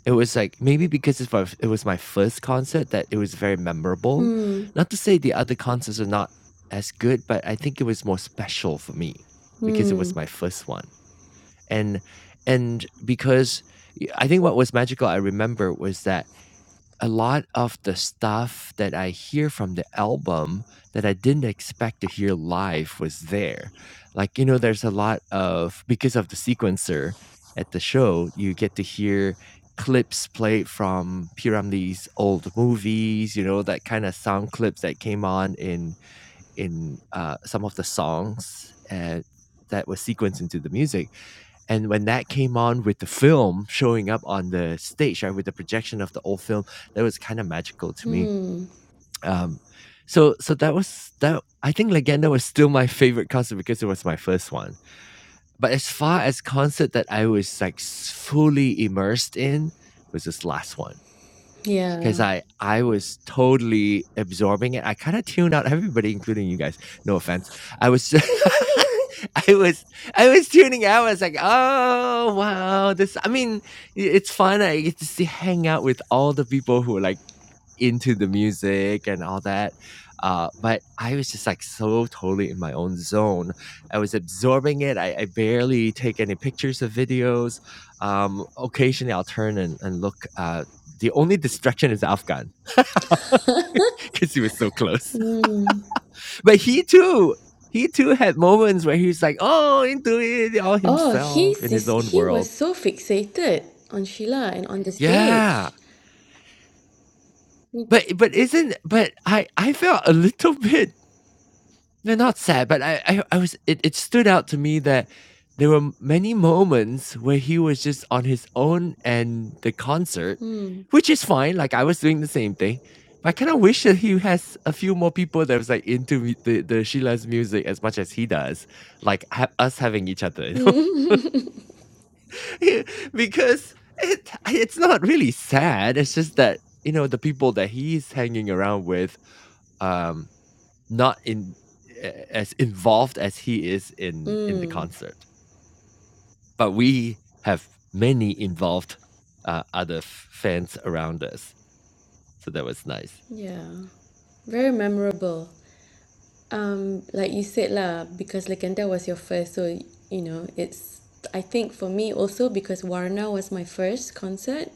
Speaker 1: It was like maybe because it's my, it was my first concert that it was very memorable. Not to say the other concerts are not as good, but I think it was more special for me because it
Speaker 2: Hmm.
Speaker 1: was my first one. And and because y- I think what was magical I remember was that a lot of the stuff that I hear from the album that I didn't expect to hear live was there. Like, you know, there's a lot of, because of the sequencer at the show, you get to hear clips played from Piramli's old movies, you know, that kind of sound clips that came on in in uh, some of the songs uh, that was sequenced into the music and when that came on with the film showing up on the stage, right, with the projection of the old film, that was kind of magical to me. Um, so so that was that. I think Legenda was still my favorite concert because it was my first one. But as far as concert that I was like s- fully immersed in was this last one. 'Cause
Speaker 2: Yeah.
Speaker 1: I I was totally absorbing it. I kinda tuned out everybody, including you guys. No offense. I was I was I was tuning out. I was like, "Oh, wow. This" I mean, i it's fun. I get to see hang out with all the people who are like into the music and all that. Uh, but I was just like so totally in my own zone. I was absorbing it. I, I barely take any pictures of videos. Um, occasionally, I'll turn and, and look. Uh, the only distraction is Afghan because he was so close.
Speaker 2: Mm.
Speaker 1: But he too, he too had moments where he was like, "Oh, into it all
Speaker 2: Oh,
Speaker 1: himself
Speaker 2: he's
Speaker 1: in his
Speaker 2: this,
Speaker 1: own
Speaker 2: he was
Speaker 1: world."
Speaker 2: so fixated on Sheila and on the
Speaker 1: Yeah,
Speaker 2: stage.
Speaker 1: but but isn't but I I felt a little bit No, not sad, but I, I, I was. It, it stood out to me that there were m- many moments where he was just on his own and the concert,
Speaker 2: Mm.
Speaker 1: which is fine. Like I was doing the same thing. But I kind of wish that he has a few more people that was like into mu- the, the Sheila's music as much as he does, like ha- us having each other, you know?
Speaker 2: Mm.
Speaker 1: Yeah, because it it's not really sad. It's just that you know the people that he's hanging around with, um, not in as involved as he is in in the concert. But we have many involved, uh, other f fans around us, so that was nice.
Speaker 2: Yeah, very memorable. Um, like you said lah, because Legenda was your first, so you know it's. I think for me also because Warna was my first concert.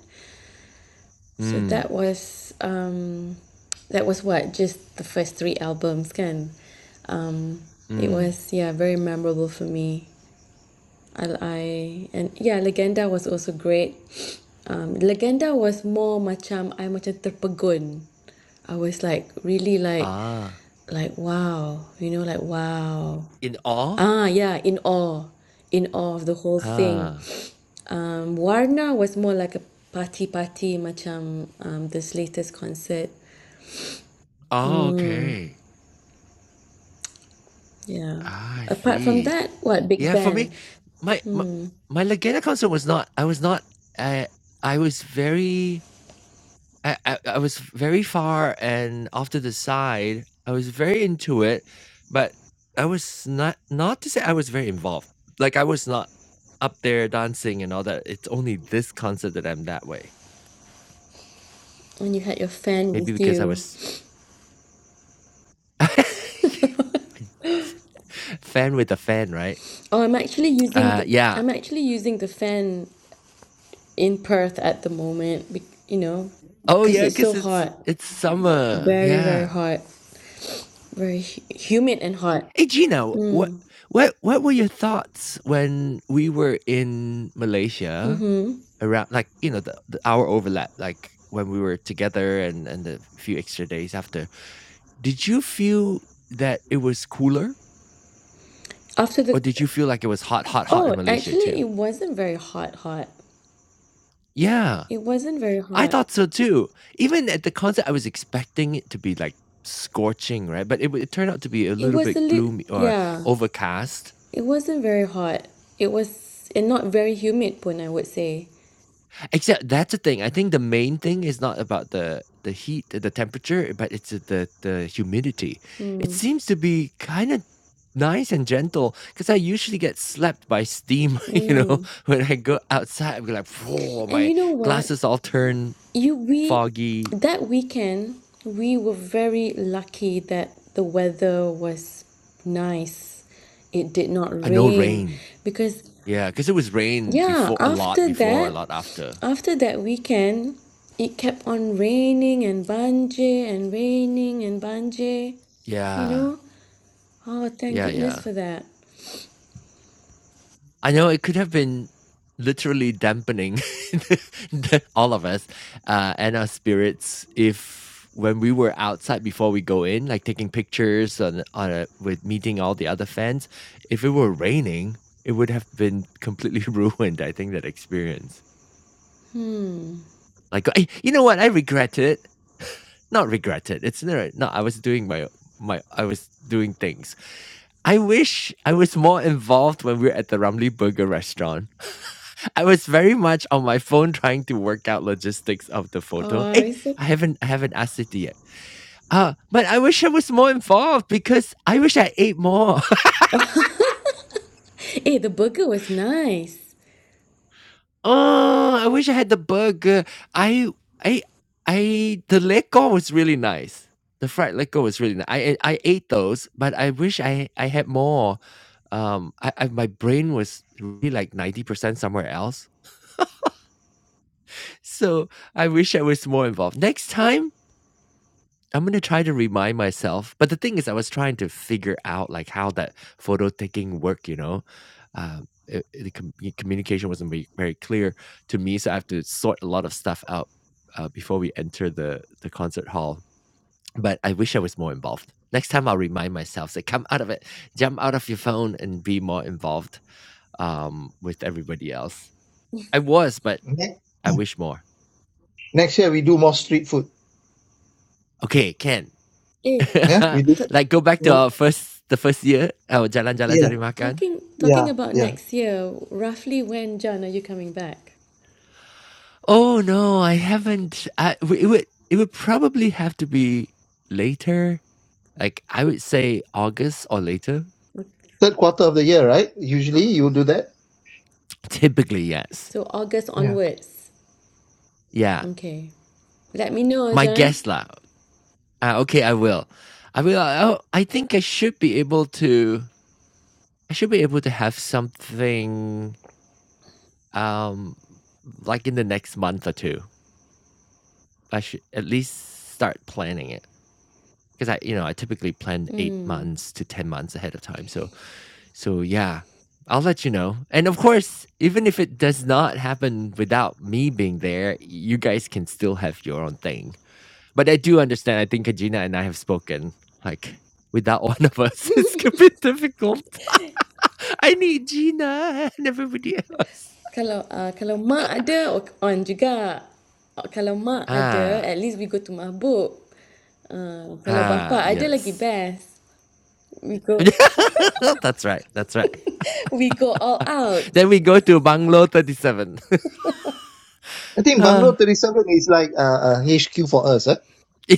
Speaker 2: So
Speaker 1: Mm,
Speaker 2: that was um, that was what just the first three albums kan. Um, it
Speaker 1: mm.
Speaker 2: was yeah very memorable for me. I, I and yeah Legenda was also great. Um, Legenda was more macam I macam terpegun. I was like really like
Speaker 1: Ah,
Speaker 2: like wow you know like wow
Speaker 1: in awe?
Speaker 2: Ah, yeah, in awe, in awe of the whole thing.
Speaker 1: Ah.
Speaker 2: Um, Warna was more like a party party, macam um, this latest concert.
Speaker 1: Oh, okay.
Speaker 2: Yeah.
Speaker 1: Ah, I
Speaker 2: Apart from
Speaker 1: see.
Speaker 2: that, what big
Speaker 1: Yeah, for me,
Speaker 2: band?
Speaker 1: my my my Legenda concert was not I was not, uh I was very I I I was very far and off to the side. I was very into it, but I was not not to say I was very involved. Like I was not up there dancing and all that. It's only this concert that I'm that way.
Speaker 2: When you had your fan
Speaker 1: Maybe
Speaker 2: with
Speaker 1: because I
Speaker 2: you.
Speaker 1: was fan with a fan, right?
Speaker 2: Oh, I'm actually using
Speaker 1: Uh
Speaker 2: the,
Speaker 1: yeah.
Speaker 2: I'm actually using the fan in Perth at the moment. be- You know,
Speaker 1: Oh
Speaker 2: because
Speaker 1: yeah,
Speaker 2: it's
Speaker 1: because
Speaker 2: so
Speaker 1: it's
Speaker 2: hot,
Speaker 1: it's summer.
Speaker 2: very very
Speaker 1: Yeah.
Speaker 2: hot, very hu- humid and hot.
Speaker 1: Hey Gina, what what what were your thoughts when we were in Malaysia? around like you know the, the hour overlap like when we were together and and the few extra days after did you feel that it was cooler
Speaker 2: After the,
Speaker 1: or did you feel like it was hot hot hot
Speaker 2: oh,
Speaker 1: in malaysia
Speaker 2: actually,
Speaker 1: too
Speaker 2: it wasn't very hot hot.
Speaker 1: yeah
Speaker 2: It wasn't very
Speaker 1: i
Speaker 2: hot.
Speaker 1: thought so too even at the concert i was expecting it to be like scorching right but it, w- it turned out to be a
Speaker 2: It
Speaker 1: little
Speaker 2: was a
Speaker 1: bit
Speaker 2: lit
Speaker 1: gloomy or
Speaker 2: yeah,
Speaker 1: overcast
Speaker 2: it wasn't very hot. It was and not very humid pun, I would say.
Speaker 1: Except that's the thing. I think the main thing is not about the the heat, the temperature, but it's the the humidity. It seems to be kind of nice and gentle because I usually get slapped by steam. You know,
Speaker 2: Mm.
Speaker 1: when I go outside, I'm like, whoa,
Speaker 2: And
Speaker 1: my
Speaker 2: you know what?
Speaker 1: glasses all turn
Speaker 2: You we
Speaker 1: foggy.
Speaker 2: that weekend we were very lucky that the weather was nice. It did not
Speaker 1: I know
Speaker 2: rain
Speaker 1: rain.
Speaker 2: because
Speaker 1: Yeah, because it was rain
Speaker 2: yeah,
Speaker 1: before a lot
Speaker 2: after
Speaker 1: before, a
Speaker 2: that
Speaker 1: lot after.
Speaker 2: after that weekend it kept on raining and banje and raining and banje, you
Speaker 1: Yeah,
Speaker 2: know? Oh, thank
Speaker 1: yeah, yeah.
Speaker 2: goodness for that.
Speaker 1: I know it could have been literally dampening all of us uh, and our spirits if when we were outside before we go in, like taking pictures on on a, with meeting all the other fans. If it were raining, it would have been completely ruined. I think that experience.
Speaker 2: Hmm.
Speaker 1: Like I, you know what? I regret it. Not regret it. It's not. No, I was doing my my. I was doing things. I wish I was more involved when we were at the Ramly Burger restaurant I was very much on my phone trying to work out logistics of the photo.
Speaker 2: Oh,
Speaker 1: Hey,
Speaker 2: it's so...
Speaker 1: I haven't I haven't asked it yet. Uh, but I wish I was more involved because I wish I ate more.
Speaker 2: Hey, the burger was nice.
Speaker 1: oh, I wish I had the burger. I I I the lego was really nice. The fried lego was really nice. I I ate those, but I wish I I had more. Um, I, I my brain was really like ninety percent somewhere else. So I wish I was more involved. Next time I'm gonna try to remind myself, but the thing is, I was trying to figure out like how that photo taking worked. You know, um, it, it- the com- communication wasn't very, very clear to me, so I have to sort a lot of stuff out uh, before we enter the the concert hall. But I wish I was more involved. Next time, I'll remind myself: say, come out of it, jump out of your phone, and be more involved um, with everybody else. I was, but
Speaker 3: Ne-
Speaker 1: I wish more.
Speaker 3: Next year we do more street food.
Speaker 1: Okay, Ken,
Speaker 2: Hey,
Speaker 3: Yeah, we do.
Speaker 2: t
Speaker 1: like go back to
Speaker 3: no-
Speaker 1: our first the first year our jalan-jalan
Speaker 3: Yeah,
Speaker 1: cari makan.
Speaker 2: talking talking
Speaker 3: yeah,
Speaker 2: about
Speaker 3: yeah.
Speaker 2: next year, roughly when, John, are you coming back?
Speaker 1: Oh no, I haven't. I, it would it would probably have to be later. Like I would say August or later.
Speaker 3: Third quarter of the year, right? Usually you do that.
Speaker 1: Typically, yes.
Speaker 2: So August
Speaker 3: Yeah,
Speaker 2: onwards.
Speaker 1: Yeah,
Speaker 2: Okay. Let me know,
Speaker 1: my
Speaker 2: John.
Speaker 1: guess lah. Uh, okay, I will. I will. I, I think I should be able to. I should be able to have something. Um, like in the next month or two. I should at least start planning it. Because I, you know, I typically plan eight months to 10 months ahead of time. So, so yeah, I'll let you know. And of course, even if it does not happen without me being there, you guys can still have your own thing. But I do understand. I think Kajina and I have spoken. Like, without one of us, it's a bit difficult. I need Gina and everybody else.
Speaker 2: Kalau uh, kalau mak ada o- on juga. Uh, Kalau mak ada,
Speaker 1: Ah,
Speaker 2: at least we go to mabuk. Uh, kalau
Speaker 1: ah,
Speaker 2: bapa ada lagi
Speaker 1: yes.
Speaker 2: best. We go
Speaker 1: that's right. That's right.
Speaker 2: we go all out.
Speaker 1: Then we go to Bungalow 37.
Speaker 3: I think
Speaker 1: Ah.
Speaker 3: Bungalow Thirty Seven is like a, a HQ for us. Huh?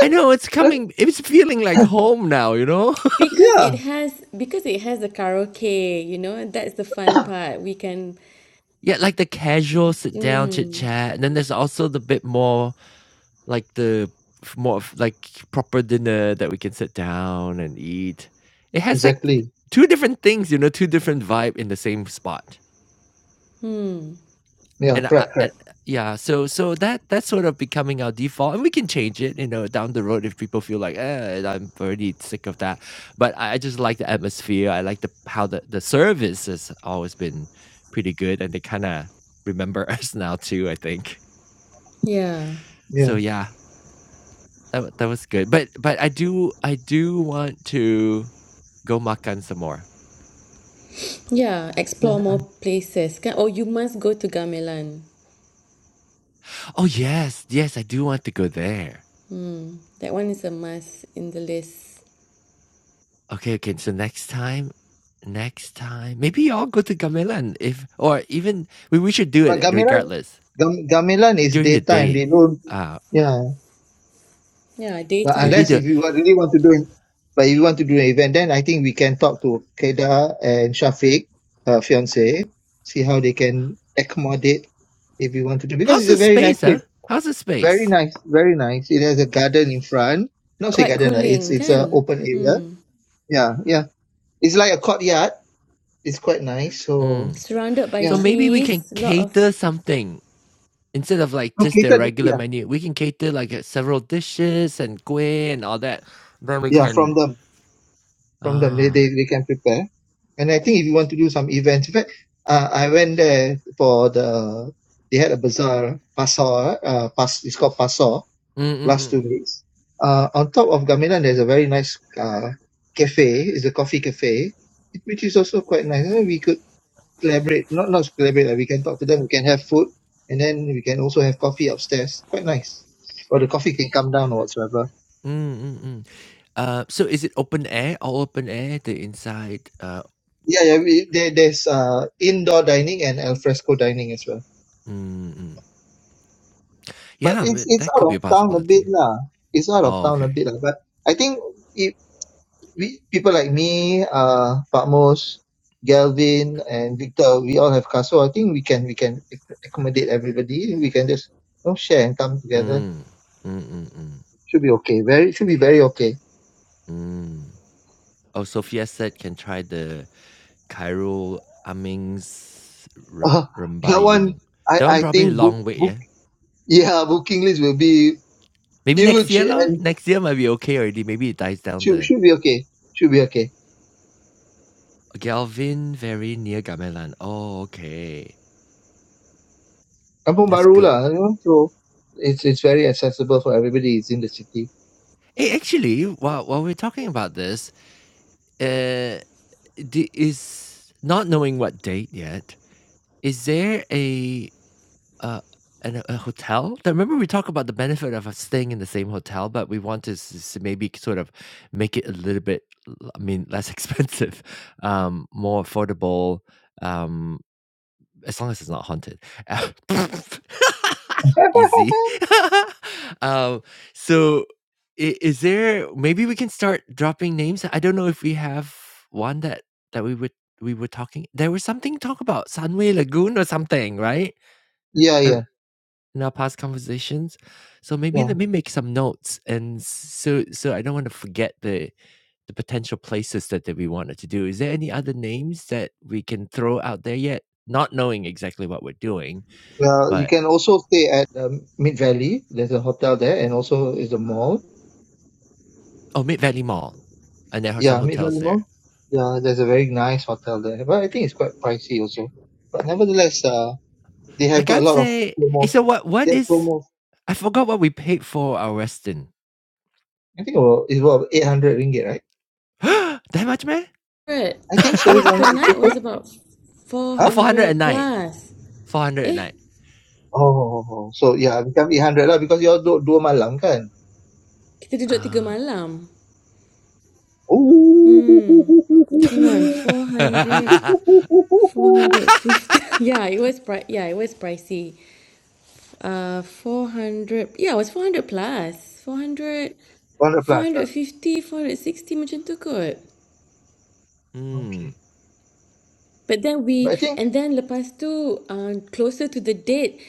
Speaker 1: I know it's
Speaker 3: Right?
Speaker 1: coming. It's feeling like home now, you know.
Speaker 2: Because
Speaker 3: Yeah,
Speaker 2: it has because it has the karaoke, you know, that's the fun part. We can
Speaker 1: yeah, like the casual sit down chit
Speaker 2: mm,
Speaker 1: chat, and then there's also the bit more like the f- more of like proper dinner that we can sit down and eat. It has like
Speaker 3: exactly.
Speaker 1: two different things, you know, two different vibe in the same spot.
Speaker 2: hmm,
Speaker 3: Yeah,
Speaker 1: And I
Speaker 3: correct,
Speaker 1: and
Speaker 3: correct.
Speaker 1: yeah, so so that that's sort of becoming our default, and we can change it, you know, down the road if people feel like, eh, I'm already sick of that. But I I just like the atmosphere. I like the how the the service has always been pretty good, and they kind of remember us now too. I think
Speaker 2: yeah.
Speaker 3: Yeah,
Speaker 1: so. Yeah, that wa- that was good. But but I do I do want to go makan some more.
Speaker 2: Yeah,
Speaker 3: yeah.
Speaker 2: explore
Speaker 3: yeah.
Speaker 2: more places. Kan- Oh, you must go to Gamelan.
Speaker 1: Oh yes, yes, I do want to go there.
Speaker 2: That one is a must in the list.
Speaker 1: Okay, okay. So next time, next time, maybe I'll go to Gamela and if, or even we, we should do
Speaker 3: But
Speaker 1: it
Speaker 3: Gamelan,
Speaker 1: regardless
Speaker 3: Gam, Gamelan is
Speaker 1: during the
Speaker 3: daytime. They
Speaker 1: day.
Speaker 3: don't.
Speaker 1: Uh,
Speaker 3: Yeah,
Speaker 2: Yeah,
Speaker 3: but
Speaker 1: maybe
Speaker 3: unless
Speaker 2: daytime.
Speaker 1: the
Speaker 3: if you wa- really want to do it, but if you want to do an event, then I think we can talk to Keda and Shafiq, her fiance, see how they can accommodate if you wanted to, because
Speaker 1: how's
Speaker 3: it's
Speaker 1: the
Speaker 3: a very nice
Speaker 1: space, huh?
Speaker 3: place.
Speaker 1: How's the
Speaker 3: Very
Speaker 1: space?
Speaker 3: nice, very nice. It has a garden in front. Not say
Speaker 2: Quite
Speaker 3: garden, lah. it's
Speaker 2: cooling,
Speaker 3: it's a
Speaker 2: kan?
Speaker 3: open area.
Speaker 2: Hmm.
Speaker 3: Yeah, yeah. It's like a courtyard. It's quite nice. So
Speaker 1: Mm.
Speaker 2: Surrounded by
Speaker 1: So
Speaker 3: yeah,
Speaker 1: maybe we can
Speaker 2: trees, lot of
Speaker 1: cater something instead of like just their
Speaker 3: located.
Speaker 1: regular
Speaker 3: Yeah,
Speaker 1: menu. We can cater like uh, several dishes and kueh and all that. Then we
Speaker 3: yeah. From
Speaker 1: can
Speaker 3: them, from them, they
Speaker 1: ah
Speaker 3: they, they can prepare. And I think if you want to do some events, in fact, uh, I went there for the they had a bazaar, pasar. Uh, pas, it's called pasar.
Speaker 1: mm mm
Speaker 3: last
Speaker 1: mm.
Speaker 3: two weeks. Uh, on top of Gamelan, there's a very nice uh, cafe. It's a coffee cafe, which is also quite nice. And we could collaborate, not not collaborate. Like we can talk to them. We can have food, and then we can also have coffee upstairs. Quite nice. Or the coffee can come down or whatsoever.
Speaker 1: Mm, mm, mm. Uh, so is it open air? All open air? The inside? Uh,
Speaker 3: Yeah, yeah. We, there, there's uh, indoor dining and alfresco dining as well.
Speaker 1: mm, mm.
Speaker 3: But
Speaker 1: Yeah, I
Speaker 3: it's
Speaker 1: mean,
Speaker 3: it's
Speaker 1: that
Speaker 3: out
Speaker 1: could be
Speaker 3: of
Speaker 1: a
Speaker 3: town a bit
Speaker 1: possibility.
Speaker 3: lah. It's out of
Speaker 1: Oh,
Speaker 3: town a
Speaker 1: okay.
Speaker 3: bit lah. But I think if. we people like me, uh, Patmos, Galvin, and Victor, we all have cars. So I think we can we can ac- accommodate everybody. We can just you know, share and come together.
Speaker 1: Mm. Mm, mm, mm,
Speaker 3: Should be okay. Very should be very okay.
Speaker 1: mm. Oh, Sophia said can try the Cairo Amings Rem-
Speaker 3: Uh, that one,
Speaker 1: Rembayung.
Speaker 3: I
Speaker 1: That one
Speaker 3: I
Speaker 1: probably a
Speaker 3: think book
Speaker 1: long wait,
Speaker 3: book
Speaker 1: yeah?
Speaker 3: yeah booking list will be
Speaker 1: Maybe next
Speaker 3: huge
Speaker 1: year, lor.
Speaker 3: and
Speaker 1: Next year might be okay already. Maybe it dies down
Speaker 3: should
Speaker 1: the
Speaker 3: should be okay. Should be okay.
Speaker 1: Galvin, very near Gamelan. Oh, okay.
Speaker 3: Kampung
Speaker 1: That's
Speaker 3: Baru
Speaker 1: good.
Speaker 3: lah, you know. So it's it's very accessible for everybody. It's in the city.
Speaker 1: Hey, actually, while, while we're talking about this, uh, the, is not knowing what date yet, is there a Uh, and a a hotel? I remember we talked about the benefit of us staying in the same hotel, but we want to s s maybe sort of make it a little bit, l I mean, less expensive, um, more affordable, um, as long as it's not haunted. Uh, Easy. Um, so i is there maybe we can start dropping names? I don't know if we have one that that we would we were talking there was something talk about Sunway Lagoon or something, right?
Speaker 3: Yeah yeah
Speaker 1: in our past conversations. So maybe
Speaker 3: yeah.
Speaker 1: let me make some notes, and so so I don't want to forget the the potential places that, that we wanted to do. Is there any other names that we can throw out there yet? Not knowing exactly what we're doing,
Speaker 3: Well, you
Speaker 1: but
Speaker 3: can also stay at the Mid Valley. There's a hotel there, and also is a mall.
Speaker 1: oh, Mid Valley Mall, and there are some
Speaker 3: Yeah, Mid
Speaker 1: hotels
Speaker 3: Valley
Speaker 1: there.
Speaker 3: Mall. Yeah, there's a very nice hotel there, but I think it's quite pricey also. But nevertheless, uh, they have
Speaker 1: Like
Speaker 3: got a
Speaker 1: I'd
Speaker 3: lot of
Speaker 1: say, eh,
Speaker 3: promo.
Speaker 1: so what? What
Speaker 3: They have
Speaker 1: is?
Speaker 3: promo.
Speaker 1: I forgot what we paid for our Westin.
Speaker 3: I think about, it's about eight hundred ringgit, right?
Speaker 1: that much, man?
Speaker 2: bird.
Speaker 3: I think
Speaker 2: It
Speaker 3: so, if
Speaker 2: was
Speaker 3: I'm
Speaker 2: per
Speaker 3: not
Speaker 2: night
Speaker 3: mistaken.
Speaker 1: oh,
Speaker 2: was about
Speaker 3: Huh?
Speaker 1: four hundred a
Speaker 2: 400
Speaker 1: night.
Speaker 2: plus.
Speaker 1: Four hundred a
Speaker 2: Eh,
Speaker 1: night.
Speaker 3: Oh, oh, oh, oh. so yeah, become eight hundred lah because you're do dua malam kan.
Speaker 2: kita duduk tiga malam.
Speaker 3: Oh,
Speaker 2: Hmm. Hang on, 400.
Speaker 1: Uh,
Speaker 2: 450 yeah it was pri- yeah it was pricey uh 400 yeah it was 400 plus plus. Four hundred,
Speaker 3: one hundred
Speaker 2: four
Speaker 3: plus. Ah,
Speaker 2: hundred fifty, four hundred sixty. 460 macam tu kot
Speaker 3: okay.
Speaker 1: Mm,
Speaker 2: but then we
Speaker 3: But I think
Speaker 2: and then lepas tu uh, closer to the date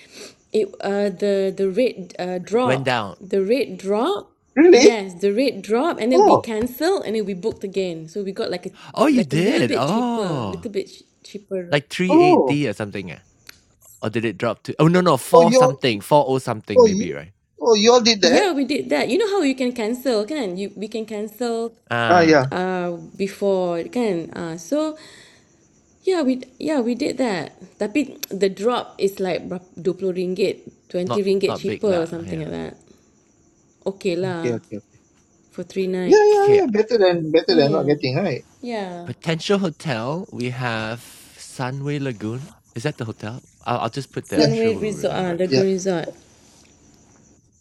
Speaker 2: it uh, the the rate uh,
Speaker 1: went
Speaker 2: drop
Speaker 1: down.
Speaker 2: the rate drop
Speaker 3: really,
Speaker 2: yes the rate drop and then
Speaker 3: oh.
Speaker 2: we cancelled and then we booked again so we got like a
Speaker 1: Oh, you
Speaker 2: like a little
Speaker 1: did.
Speaker 2: bit cheaper
Speaker 1: Oh,
Speaker 2: little bit ch- cheaper
Speaker 1: like
Speaker 3: Oh,
Speaker 1: 380 or something. ah? Or did it drop to? Oh, no, no,
Speaker 3: oh,
Speaker 1: 4
Speaker 3: you all,
Speaker 1: something, 40 something
Speaker 3: oh,
Speaker 1: maybe,
Speaker 3: you,
Speaker 1: right?
Speaker 3: oh, you all did that?
Speaker 2: Yeah, we did that. You know how you can cancel, can you? We can cancel
Speaker 3: Ah, yeah.
Speaker 1: Ah,
Speaker 2: uh before kan. Uh, so yeah, we yeah we did that. Tapi the drop is like berap- 20 ringgit,
Speaker 1: not
Speaker 2: 20 ringgit
Speaker 1: not big lah.
Speaker 2: cheaper or something like
Speaker 1: Yeah.
Speaker 2: that. Okay
Speaker 3: Okay,
Speaker 2: lah
Speaker 3: okay, okay.
Speaker 2: for three
Speaker 3: Yeah, yeah,
Speaker 2: nights.
Speaker 1: Okay.
Speaker 3: yeah. Better than, better than not getting, right?
Speaker 2: Yeah,
Speaker 1: Potential hotel, we have Sunway Lagoon. Is that the hotel? I'll, I'll just put there. I'm
Speaker 3: Yeah,
Speaker 1: sure
Speaker 2: Sunway
Speaker 1: we'll
Speaker 2: Resort, ah,
Speaker 1: remember.
Speaker 3: yeah.
Speaker 2: Lagoon Resort,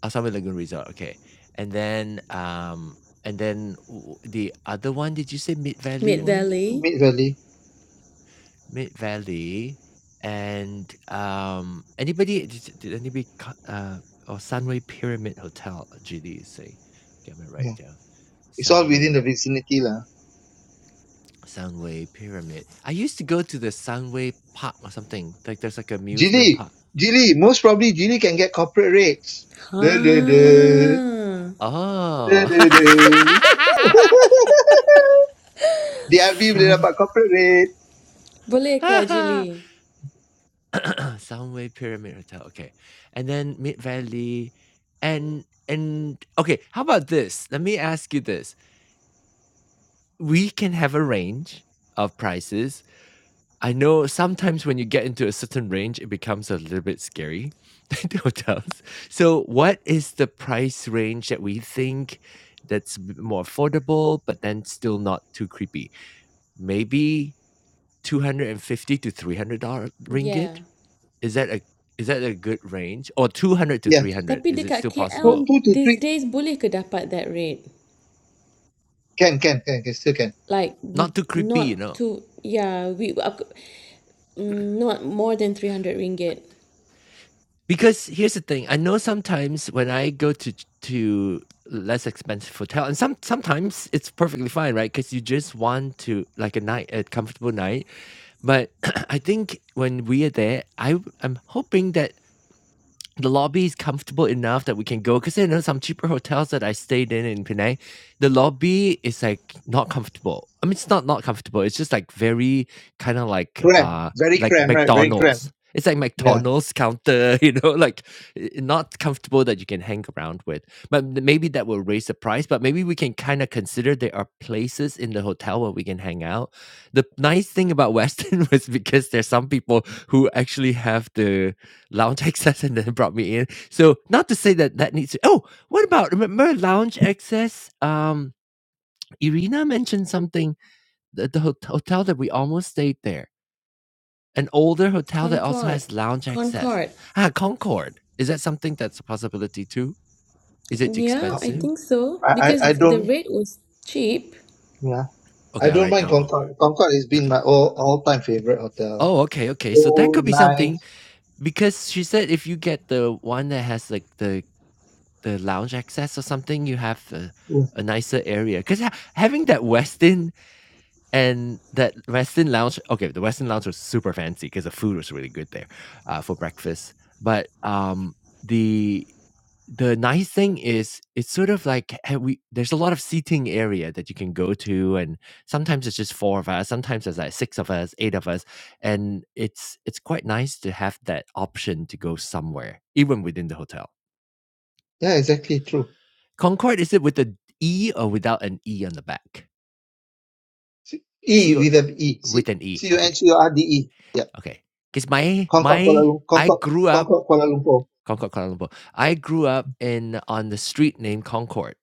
Speaker 1: Oh, Sunway Lagoon Resort. Okay. And then um and then w- the other one, did you say Mid Valley
Speaker 2: Mid
Speaker 1: one?
Speaker 2: Valley.
Speaker 3: Mid Valley.
Speaker 1: Mid Valley, and, um, anybody did did anybody co uh, or Sunway Pyramid Hotel, GDC. Okay, I'm gonna write it
Speaker 3: Yeah.
Speaker 1: down.
Speaker 3: It's all within
Speaker 1: Sunway
Speaker 3: the vicinity, lah.
Speaker 1: Sunway Pyramid. I used to go to the Sunway Park or something. Like, there's, like, amusement
Speaker 3: Gili,
Speaker 1: park.
Speaker 3: Gili, most probably Gili can get corporate rates.
Speaker 2: Ha,
Speaker 3: Da, da, da. Da,
Speaker 1: Oh.
Speaker 3: da, da. DRB boleh
Speaker 1: Sun
Speaker 3: dapat corporate rate.
Speaker 2: boleh ke Jilly?
Speaker 1: Sunway Pyramid Hotel, okay. And then Mid Valley and and okay, how about this? Let me ask you this. we can have a range of prices. I know sometimes when you get into a certain range, it becomes a little bit scary, the hotels. So, what is the price range that we think that's a bit more affordable, but then still not too creepy? Maybe two hundred and fifty to three hundred dollar ringgit.
Speaker 2: Yeah.
Speaker 1: Is that a is that a good range? Or two hundred to
Speaker 3: Yeah.
Speaker 1: three hundred?
Speaker 2: Tapi
Speaker 1: Is it still
Speaker 2: dekat
Speaker 3: Two,
Speaker 1: possible?
Speaker 2: KL
Speaker 3: two to
Speaker 2: these
Speaker 3: three.
Speaker 2: days boleh ke dapat that rate?
Speaker 3: Can, can, can, can, still can.
Speaker 2: like n-
Speaker 1: Not too creepy, you
Speaker 2: not
Speaker 1: know.
Speaker 2: too yeah we uh, mm, not more than 300 ringgit
Speaker 1: because here's the thing i know sometimes when i go to to less expensive hotel and some sometimes it's perfectly fine right because you just want to like a night a comfortable night but i think when we are there i w- i'm hoping that the lobby is comfortable enough that we can go because I know some cheaper hotels that I stayed in in Penang, the lobby is like not comfortable. I mean, it's not not comfortable. It's just like very kind of like
Speaker 3: Cram.
Speaker 1: uh
Speaker 3: Very
Speaker 1: like
Speaker 3: cram, right? Very cram.
Speaker 1: McDonald's. It's like
Speaker 3: Yeah.
Speaker 1: McDonald's counter, you know, like i- not comfortable that you can hang around with. But m- maybe that will raise the price. But maybe we can kind of consider there are places in the hotel where we can hang out. The nice thing about Western was because there's some people who actually have the Lounge Access and then brought me in. So not to say that that needs to. Oh, what about remember Lounge Access? Um, Irina mentioned something. The, the hot- hotel that we almost stayed there, an older hotel that also
Speaker 2: concord
Speaker 1: has lounge access.
Speaker 2: concord
Speaker 1: Ah, Concord. Is that something that's a possibility too? Is it
Speaker 2: yeah
Speaker 3: Uh,
Speaker 2: i
Speaker 1: expensive?
Speaker 2: think so
Speaker 3: I, I,
Speaker 1: Okay,
Speaker 3: I
Speaker 2: because the
Speaker 3: don't,
Speaker 2: rate was cheap
Speaker 3: yeah.
Speaker 1: okay,
Speaker 3: I
Speaker 1: I'll
Speaker 3: don't
Speaker 1: write
Speaker 3: mind
Speaker 1: down Concord.
Speaker 3: Concorde. Concorde has been my all all time favorite hotel.
Speaker 1: Oh, okay, okay. So that
Speaker 3: Oh,
Speaker 1: could be
Speaker 3: nice.
Speaker 1: something because she said if you get the one that has like the the lounge access or something, you have a,
Speaker 3: Yeah,
Speaker 1: a nicer area. Because ha- having that Westin and that Westin lounge, okay, the Westin lounge was super fancy because the food was really good there uh, for breakfast. But um, the the nice thing is it's sort of like eh, we there's a lot of seating area that you can go to and sometimes it's just four of us sometimes there's like six of us eight of us and it's it's quite nice to have that option to go somewhere even within the hotel
Speaker 3: Yeah, exactly. True.
Speaker 1: Concord is it with an E or without an E on the back?
Speaker 3: C- E
Speaker 1: C O
Speaker 3: with an E. C
Speaker 1: with an E.
Speaker 3: C U N
Speaker 1: Okay.
Speaker 3: C O R D E. Yeah.
Speaker 1: Okay. Because my
Speaker 3: Concorde Kuala
Speaker 1: my
Speaker 3: Lumpur.
Speaker 1: I
Speaker 3: Concorde,
Speaker 1: grew up
Speaker 3: Concorde Kuala Lumpur.
Speaker 1: Concord Kuala Lumpur. I grew up in on the street named Concord,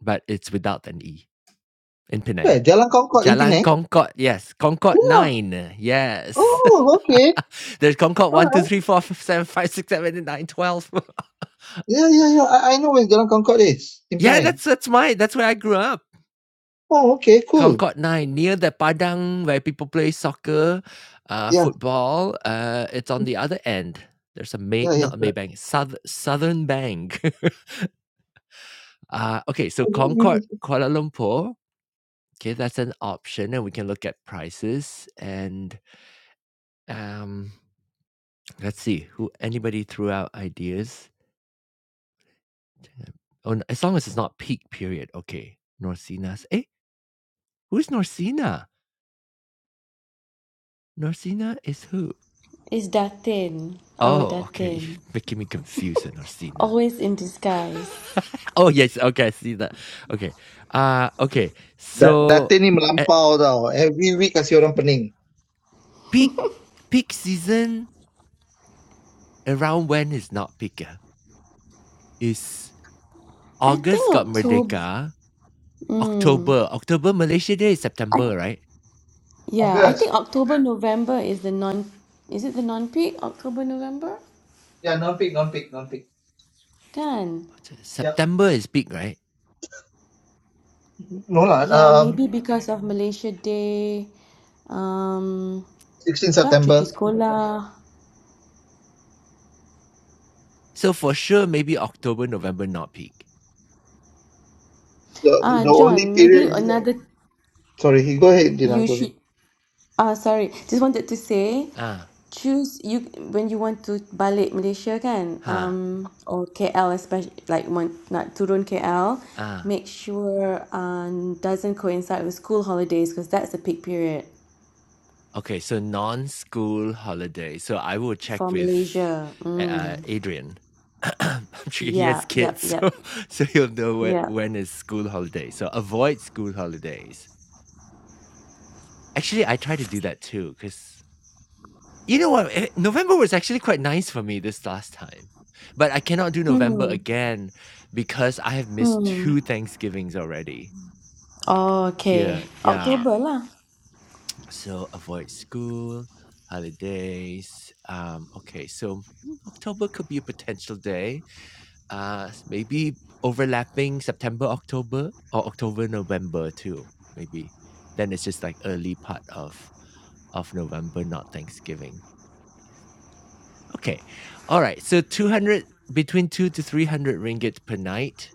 Speaker 1: but it's without an E in Penang.
Speaker 3: Where? Jalan Concorde in
Speaker 1: Jalan
Speaker 3: Penang?
Speaker 1: Concord, yes. Concord
Speaker 3: Yeah.
Speaker 1: 9, yes.
Speaker 3: Oh, okay.
Speaker 1: There's Concord
Speaker 3: All
Speaker 1: 1, two,
Speaker 3: right.
Speaker 1: three, four, five, seven, five, six, seven, eight, nine, twelve.
Speaker 3: Yeah, yeah, yeah. I, I know where Jalan Concorde is in
Speaker 1: yeah,
Speaker 3: Penang.
Speaker 1: that's that's my that's where I grew up.
Speaker 3: Oh, okay. Cool.
Speaker 1: Concord 9 near the Padang where people play soccer, uh,
Speaker 3: Yeah.
Speaker 1: football. Uh, it's on the other end. There's a May,
Speaker 3: Yeah, yeah.
Speaker 1: not a
Speaker 3: Correct.
Speaker 1: Maybank, South, Southern Bank. uh, okay, so Concord, Kuala Lumpur. Okay, that's an option, and we can look at prices. And um, let's see who anybody threw out ideas. Oh, n- as long as it's not peak period. Okay, Norsina's. Eh, who's Norsina? Norsina is who?
Speaker 2: It's Datin, our
Speaker 1: Oh, okay. You're
Speaker 2: Datin,
Speaker 1: making me confused with Norsina.
Speaker 2: always in disguise.
Speaker 1: oh yes, okay, I see that. Okay. Uh okay.
Speaker 3: That
Speaker 1: So
Speaker 3: dati ni
Speaker 1: at
Speaker 3: melampau tau. Every week kasi orang pening.
Speaker 1: peak peak season around when is not peak? ah? Is
Speaker 2: I
Speaker 1: August
Speaker 2: think
Speaker 1: got
Speaker 2: October.
Speaker 1: Merdeka,
Speaker 2: Mm,
Speaker 1: October. October Malaysia Day is
Speaker 2: I,
Speaker 1: September, right?
Speaker 2: yeah, I
Speaker 3: August.
Speaker 2: think October November is the non. Is it the non-peak October November?
Speaker 3: Yeah, non-peak, non-peak, non-peak.
Speaker 2: Can
Speaker 1: Oct- September is peak, right?
Speaker 3: No lah,
Speaker 2: yeah,
Speaker 3: um,
Speaker 2: maybe because of Malaysia Day. Um,
Speaker 3: 16
Speaker 2: dah cuti
Speaker 3: September.
Speaker 2: sekolah
Speaker 1: So for sure maybe October, November not peak.
Speaker 3: The
Speaker 2: ah
Speaker 3: the only
Speaker 2: john maybe
Speaker 3: period is that.
Speaker 2: another
Speaker 3: Sorry, you go ahead, Gina,
Speaker 2: you
Speaker 3: go ahead.
Speaker 2: should ah sorry just wanted to say
Speaker 1: Ah,
Speaker 2: choose you when you want to balik malaysia kan
Speaker 1: ha,
Speaker 2: um or K_L especially like want nak turun K_L
Speaker 1: ah.
Speaker 2: make sure um doesn't coincide with school holidays because that's the peak period
Speaker 1: Okay, so non-school holiday. So I will check
Speaker 2: for
Speaker 1: with
Speaker 2: malaysia
Speaker 1: uh,
Speaker 2: mm
Speaker 1: Adrian. I'm sure he has
Speaker 2: Yeah. Yep.
Speaker 1: kids, so
Speaker 2: Yep.
Speaker 1: so he'll know when,
Speaker 2: Yep.
Speaker 1: when is school holiday. So avoid school holidays. Actually, I try to do that too, because you know what? eh, November was actually quite nice for me this last time, but I cannot do November
Speaker 2: hmm
Speaker 1: again because I have missed
Speaker 2: hmm
Speaker 1: two Thanksgivings already
Speaker 2: okay
Speaker 1: here. Yeah,
Speaker 2: october lah
Speaker 1: so avoid school holidays um okay so mm, october could be a potential day uh s- maybe overlapping september october or october november too maybe then it's just like early part of of november not thanksgiving okay all right so 200 between 2 to 300 ringgit per night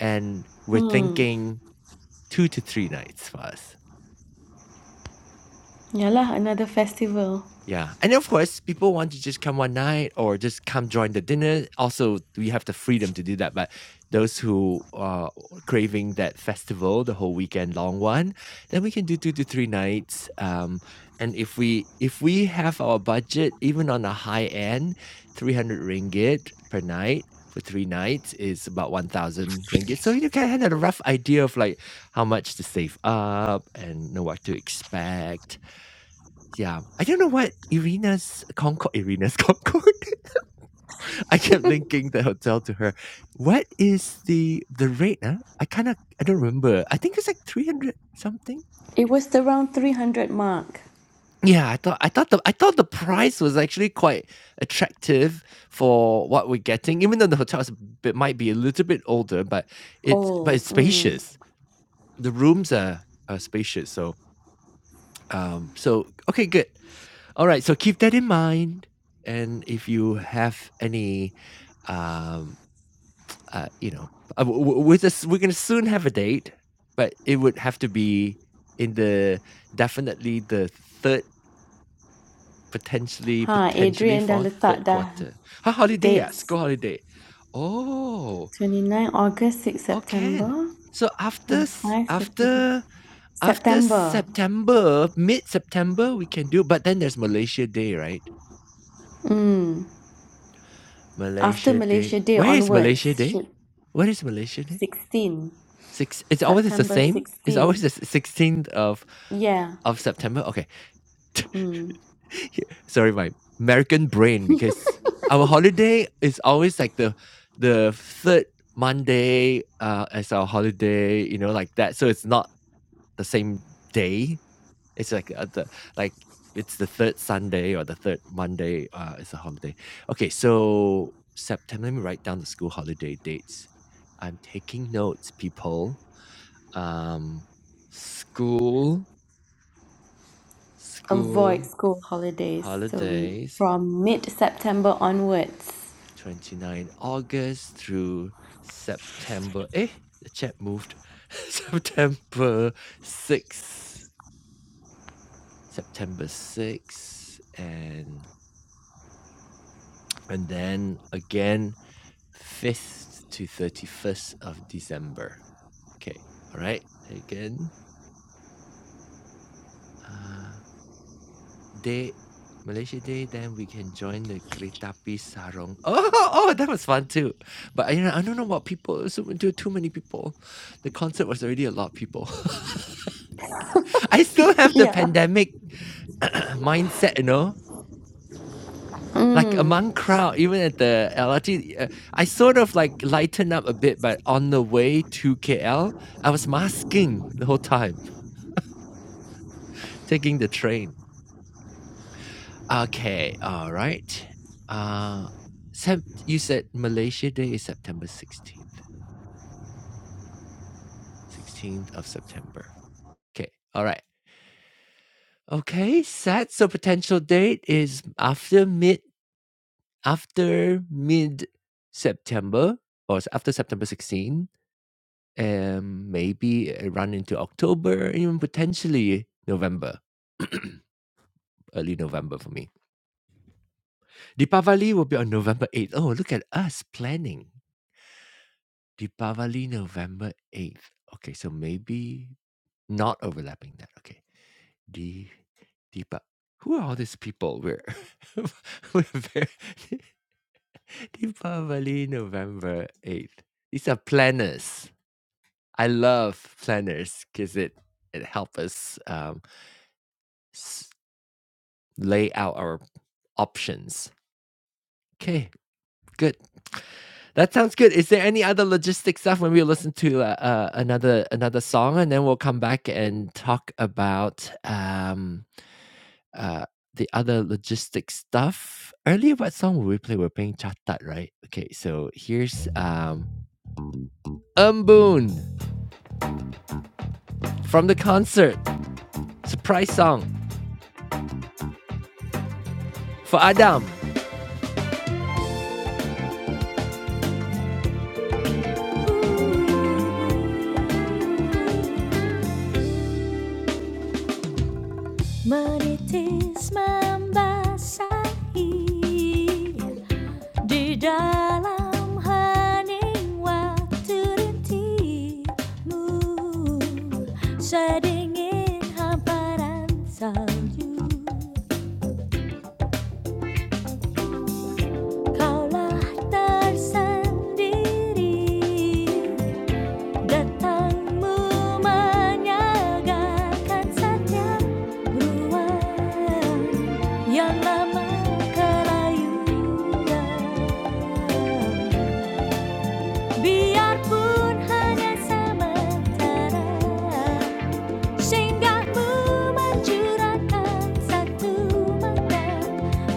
Speaker 1: and we're thinking 2 to 3 nights for us
Speaker 2: ya lah another festival
Speaker 1: Yeah. And of course, people want to just come one night or just come join the dinner. Also, we have the freedom to do that. But those who are craving that festival, the whole weekend long one, then we can do two to three nights. Um, and if we if we have our budget, even on the high end, three hundred ringgit per night for three nights is about one thousand ringgit. So you can have a rough idea of like how much to save up and know what to expect yeah. I don't know what Irina's Concord, Irina's Concord. I kept linking the hotel to her. What is the the rate? Huh? I kind of I don't remember. I think it's like three hundred something.
Speaker 2: It was the round 300 mark.
Speaker 1: Yeah, I thought I thought the I thought the price was actually quite attractive for what we're getting. Even though the hotel is a bit, might be a little bit older, but it's but
Speaker 2: Oh,
Speaker 1: it's
Speaker 2: mm.
Speaker 1: spacious. The rooms are are spacious. So um so okay good. All right, so keep that in mind, and if you have any, um, uh, you know, uh, w- w- we're just we're gonna soon have a date, but it would have to be in the definitely the third, potentially
Speaker 2: Ha,
Speaker 1: potentially
Speaker 2: Adrian dah
Speaker 1: fourth, third
Speaker 2: letak dah
Speaker 1: quarter. Ha, holiday ah, school
Speaker 2: dates.
Speaker 1: holiday. Oh,
Speaker 2: 29 August, 6
Speaker 1: oh, can.
Speaker 2: September
Speaker 1: So after
Speaker 2: and
Speaker 1: s-
Speaker 2: 5 September.
Speaker 1: after after
Speaker 2: September.
Speaker 1: September, mid September, we can do. But then there's Malaysia Day, right?
Speaker 2: After
Speaker 1: Malaysia Day.
Speaker 2: Malaysia Day
Speaker 1: Where is Malaysia
Speaker 2: onwards,
Speaker 1: Day?
Speaker 2: should
Speaker 1: What is Malaysia Day?
Speaker 2: 16.
Speaker 1: Six. It's always it's the
Speaker 2: September
Speaker 1: same. It's
Speaker 2: 16.
Speaker 1: always the sixteenth of
Speaker 2: Yeah,
Speaker 1: of September. Okay. Yeah, Sorry, my American brain because our holiday is always like the the third Monday uh, as our holiday. You know, like that. So it's not the same day it's like uh, the like it's the third Sunday or the third Monday. Uh, it's a holiday. Okay, so September. Let me write down the school holiday dates. I'm taking notes, people. Um, school,
Speaker 2: avoid
Speaker 1: school
Speaker 2: school holidays. So m-
Speaker 1: holidays,
Speaker 2: from mid-September onwards.
Speaker 1: 29 August through September. Eh, the chat moved. September 6th, September 6th, and and then again 5th to 31st of December. Okay. All right. Taken. Uh, day, Malaysia Day, then we can join the Keretapi Sarong. Oh, oh, that was fun too. But I, I don't know about people. So too, too many people. The concert was already a lot of people. I still have the
Speaker 2: Yeah.
Speaker 1: pandemic mindset, you know. Like among crowd, even at the LRT, uh, I sort of like lighten up a bit, but on the way to KL, I was masking the whole time, taking the train. Okay, all right. Uh, Sep- you said Malaysia Day is September 16th, 16th of September. Okay, all right. Okay, set. So potential date is after mid, after mid September, or s- after September 16 um, maybe run into October, even potentially November, early November for me. Deepavali will be on November 8th. Oh, look at us planning. Deepavali, November 8th. Okay, so maybe not overlapping that. Okay. Di, Deepa. Who are all these people? We're, we're very, Deepavali, November 8th. These are planners. I love planners because it, it helps us um, s- lay out our options. Okay, good. That sounds good. Is there any other logistic stuff when we listen to uh, uh, another another song, and then we'll come back and talk about um, uh, the other logistic stuff? Earlier, what song will we play? We're playing Chatat, right? Okay, so here's um, Umboon from the concert surprise song for Adam. menitis membasahi di dalam hening waktu rintimu sedingin hamparan salju kaulah tersendiri Datang menyagarkan setiap ruang yang lama kelayuan. Biarpun hanya sementara Singgahmu mencurahkan satu mata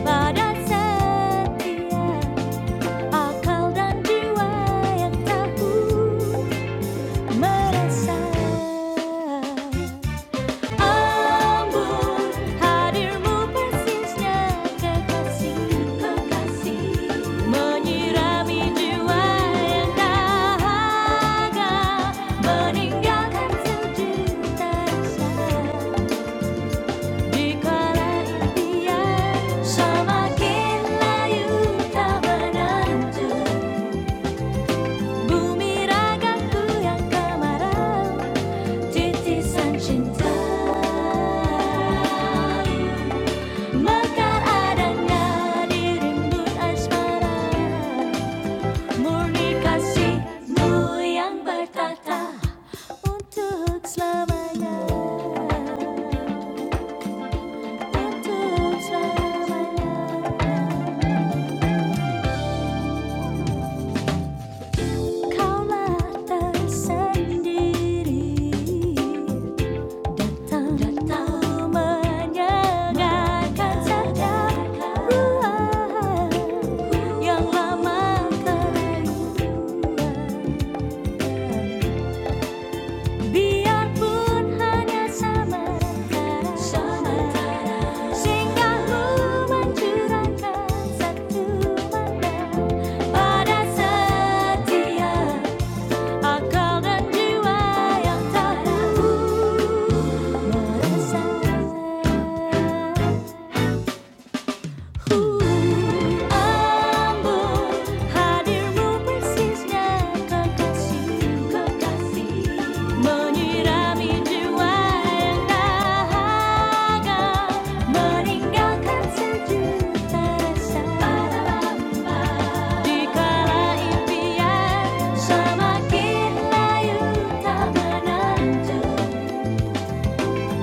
Speaker 1: Pada setiap akal dan jiwa yang tahu Semakin layu tak menentu Bumi ragaku yang kemarau Dirty sunshine Mekar adanya di rimbun asmara Murni kasihmu yang bertata Untuk selamanya Untuk selamanya Kaulah tersendiri Tetap menyegarkan sedap yang lama terbuang. Biarpun hanya sementara, singgahmu mencurahkan satu pandang pada setiap I called and you I am tired humble, hadirmu bersisnya kekasih, kekasih menyirami jiwa yang dahaga, meninggalkan sejuta rasa. Dikala impian semakin layu tak menentu.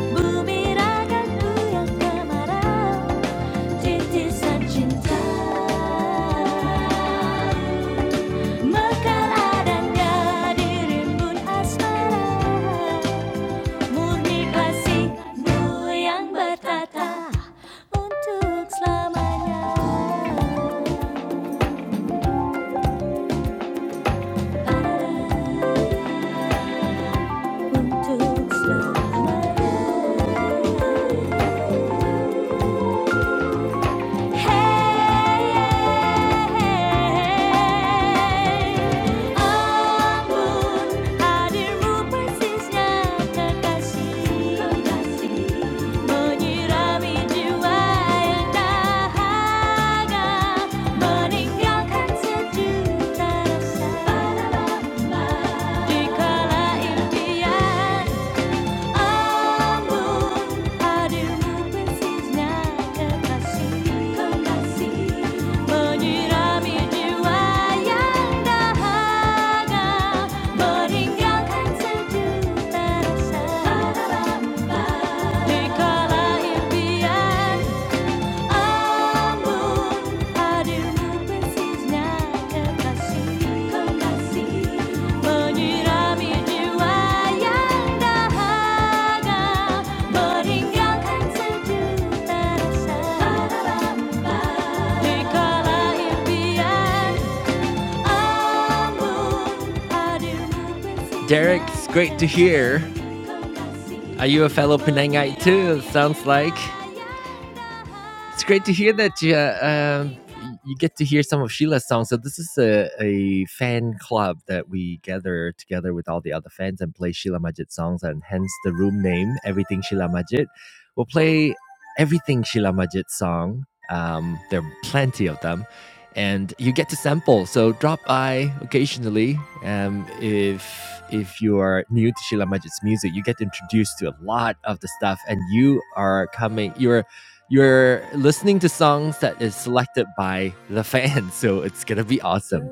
Speaker 1: Bumerangkan goyang ke marau, titisan cinta. Mekaradangkan dirimbun asmara, murni kasihmu yang bertata untuk selamanya. Untuk selamanya. Hey, amun hadirmu persisnya kekasih, menyirami jiwa yang dahaga, meninggalkan sejuta rasa, dikala impian. Di kala impian Derek, it's great to hear. Are you a fellow Penangite too? It sounds like it's great to hear that you, uh, um, you get to hear some of Sheila's songs. So this is a, a fan club that we gather together with all the other fans and play Sheila Majid songs, and hence the room name, Everything Sheila Majid. We'll play everything Sheila Majid song. Um, there are plenty of them, and you get to sample. So drop by occasionally. Um, if if you are new to Sheila Majid's music, you get introduced to a lot of the stuff, and you are coming. You're you're listening to songs that is selected by the fans, so it's gonna be awesome.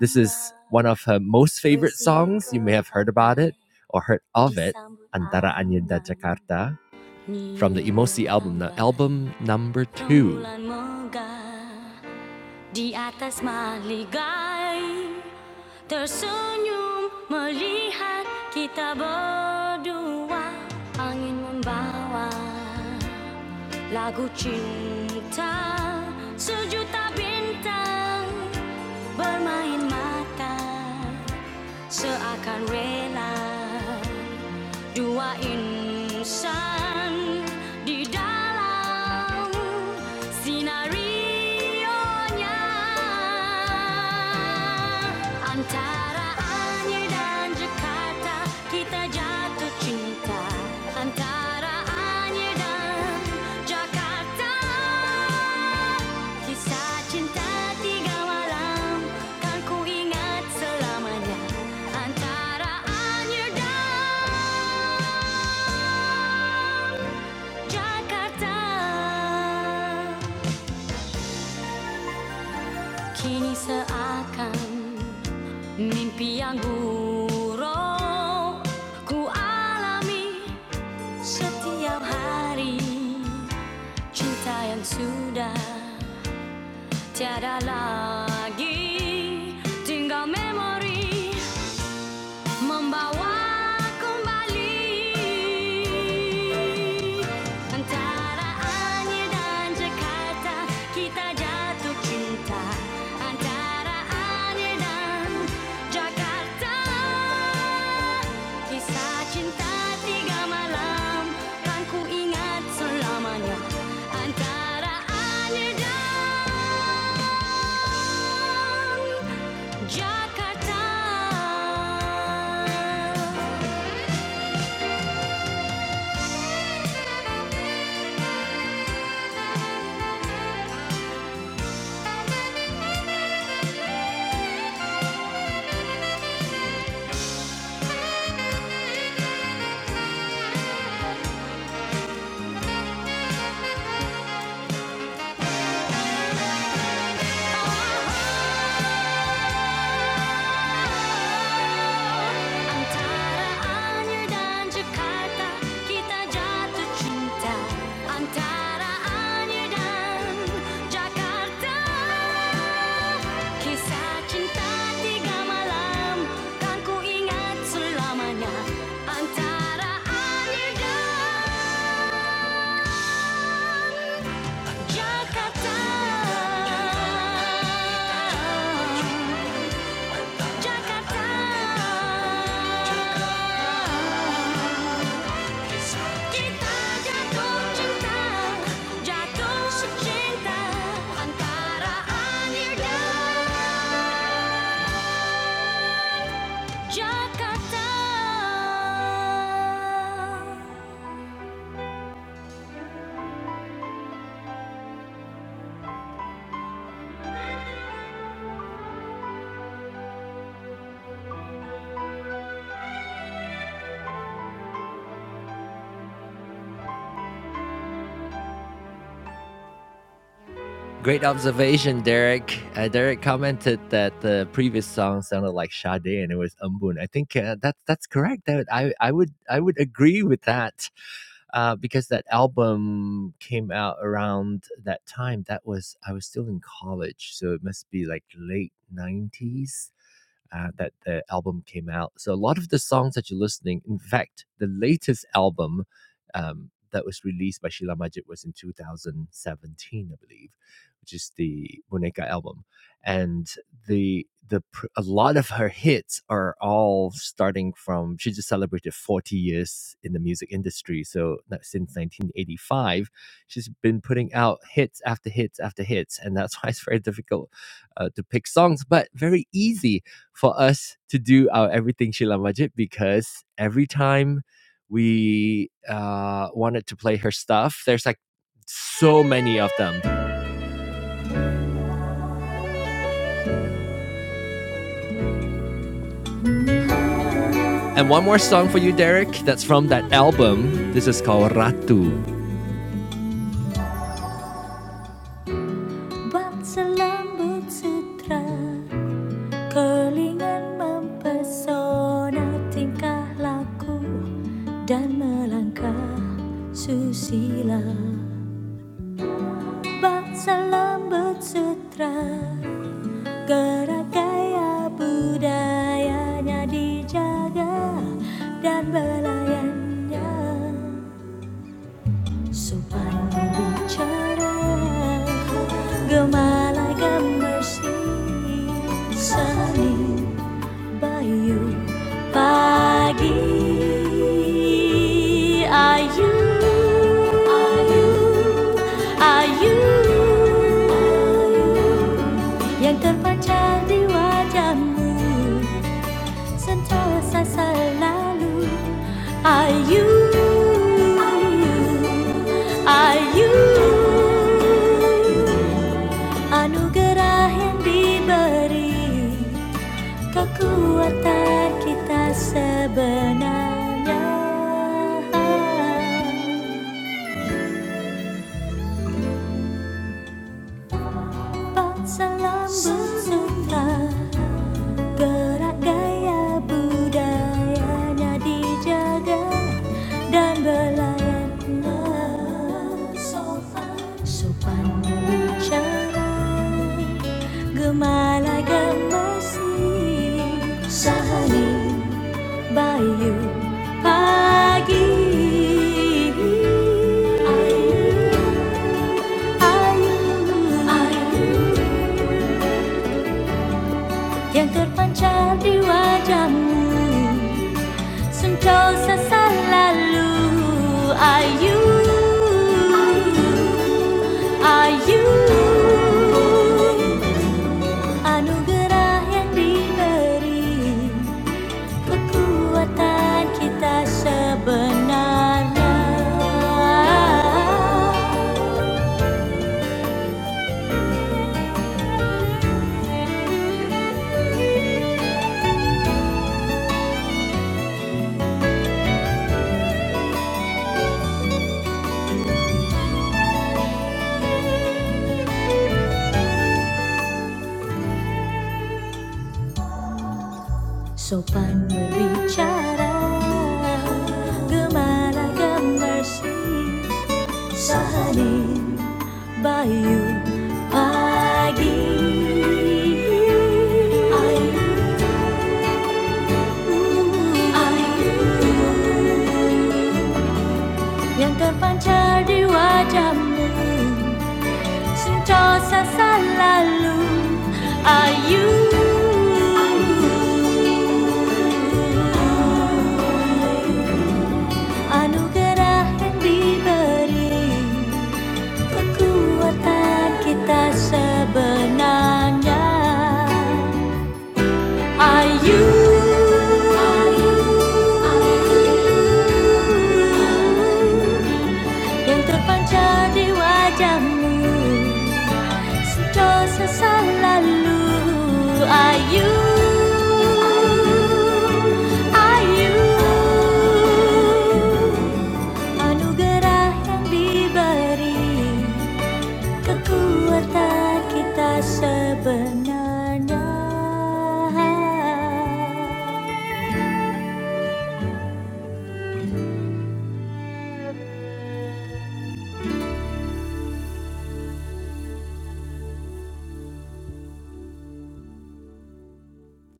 Speaker 1: This is one of her most favorite songs. You may have heard about it or heard of it. Antara Anyinda Jakarta from the Emosi album, the album number two. di atas maligai tersenyum melihat kita berdua angin membawa Lagu cinta sejuta bintang bermain mata seakan rela dua insan di dalam sinarionya antara Anyer dan Jakarta kita jatuh cinta antara Anyer dan Jakarta Kisah cinta tiga malam kan ku selamanya antara Anyer dan Jakarta kini seakan mimpi yang buruk ku alami setiap hari cinta yang sudah tiada lagi tinggal memori membawa kembali antara Anyer dan Jakarta kita jatuh cinta antara Anyer dan Jakarta kisah cinta tiga malam kan ku selamanya antara Anyer dan Jakarta. Antara Anyer dan Jakarta kita jatuh cinta. Antara Anyer dan Jakarta, kisah cinta tiga malam kan ingat selamanya. Antara Anyer dan Jakarta, Jakarta, kita jatuh cinta, jatuh secinta antara Anir dan Jakarta. Great observation, Derek. Uh, Derek commented that the previous song sounded like Sade, and it was Umbun. I think uh, that's that's correct. That I I would I would agree with that, uh, because that album came out around that time. That was I was still in college, so it must be like late nineties uh, that the album came out. So a lot of the songs that you're listening, in fact, the latest album um, that was released by Sheila Majid was in 2017, I believe, which is the Boneka album, and the the a lot of her hits are all starting from she just celebrated 40 years in the music industry so no, since 1985 she's been putting out hits after hits after hits and that's why it's very difficult uh, to pick songs but very easy for us to do our everything Sheila Majid because every time we uh, wanted to play her stuff, there's like so many of them. And one more song for you, Derek, that's from that album. This is called Ratu. Susila Bangsa lembut sutra Kerangkaian budayanya dijaga dan belayannya Sopan bicara, gemalai gemersih seni. Bayu pagi ayu ayu ayu yang terpancar di wajahmu sentosa selalu ayu ayu anugerah yang diberi Kekuatan kita sebenarnya Empat salam bersumpah Gerak gaya budayanya dijaga Dan berlayan sopan Sopan berbicara Gemala gemasi Sahani Bayou Pagi. Ayu, Yang terpancar di wajahmu Sentosa selalu Ayu Ayu Anugerah yang diberi Kekuatan kita sebenarnya Sopan berbicara Gemara gemersi Salim Bayu Pagi Ayu Ayu Yang terpancar di wajahmu Cinta sasa lalu ayu. ฉันจอซาซาลาลูอายุอานุกราห์ yang diberi kekuatan kita sebenarnya ayu ayu yang terpancar di wajahmu Sentosa selalu Ayu Ayu Anugerah yang diberi Kekuatan kita sebenarnya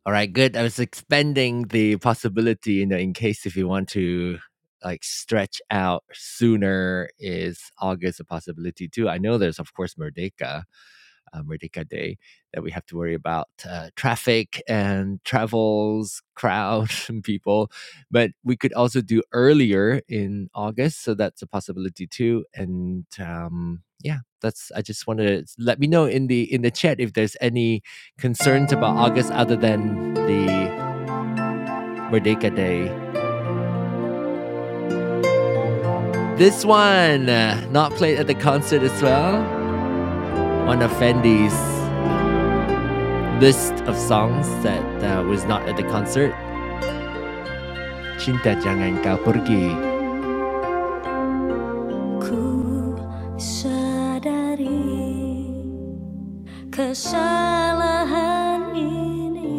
Speaker 1: All right, good. I was expanding the possibility, you know, in case if you want to like stretch out sooner, is August a possibility too? I know there's of course Merdeka, um, Merdeka Day that we have to worry about uh, traffic and travels, crowd and people. But we could also do earlier in August, so that's a possibility too. And um, yeah, that's. I just wanted to let me know in the in the chat if there's any concerns about August other than the Merdeka Day. This one, uh, not played at the concert as well, on of Fendi's list of songs that uh, was not at the concert. Cinta jangan kau pergi Ku sadari kesalahan ini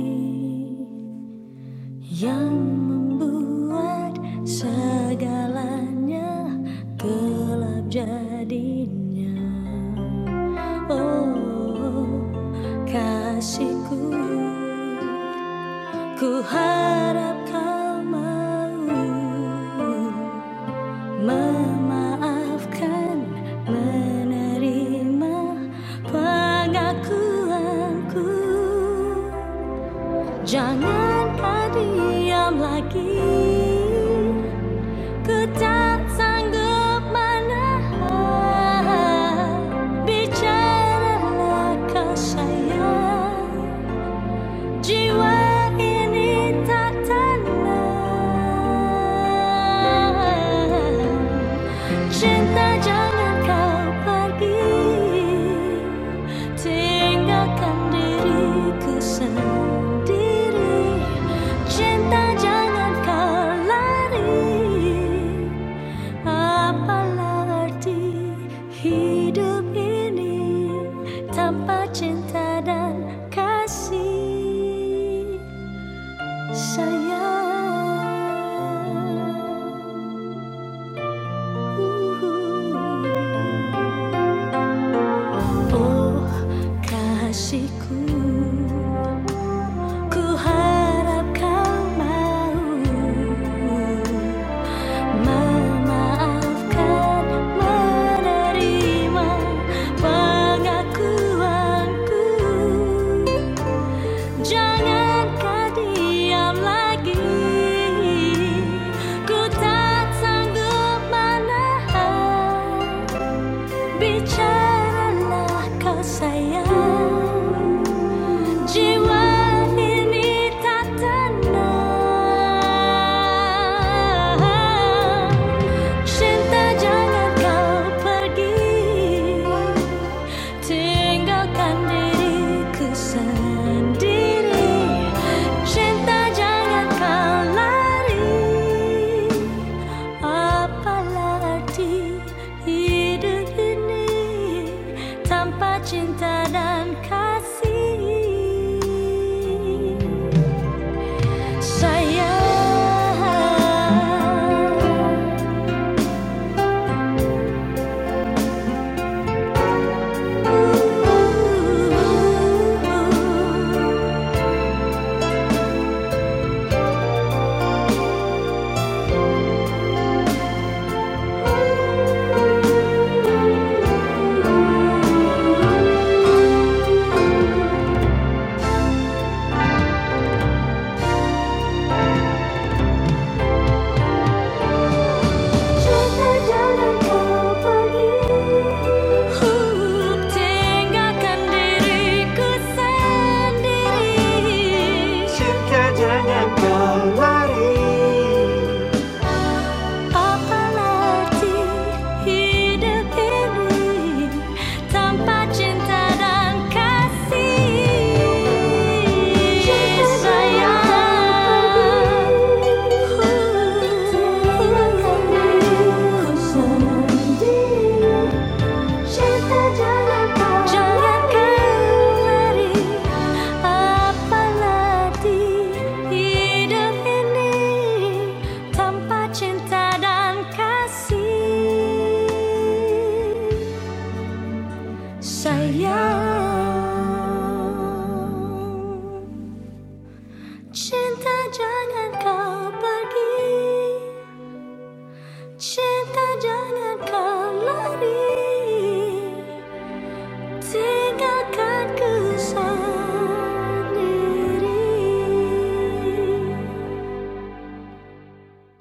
Speaker 1: yang membuat segalanya gelap jadinya. Oh kasihku, ku harap kau mau Memaafkan, menerima pengakuanku. Jangan diam lagi. Ku tak sanggup menahan. Bicaralah kau sayang jiwa ini tak tenang Cinta jangan kau pergi Tinggalkan diriku sendiri Cinta jangan kau lari Apalah arti hidup ini tanpa cinta dan kasih sayang? uh-huh. Oh kasihku, ku harap kau mau. Memaafkan, menerima pengakuanku. Jangan kau diam lagi. Ku tak sanggup menahan Bicaralah kau sayang Jiwa ini tak tenang Cinta jangan kau pergi Tinggalkan diriku sendiri Cinta jangan kau lari Apalah arti hidup ini tanpa cinta dan kasih? Sayang. Ooh, ooh, ooh, ooh. Hup tengahkan diriku sendiri Cinta jangan kau lari Apalagi hidup ini tanpa cinta dan kasih sayang cinta jangan kau jangan kemari apalagi hidup ini tanpa cinta dan kasih sayang cinta jangan kau pergi Cinta jangan kau lari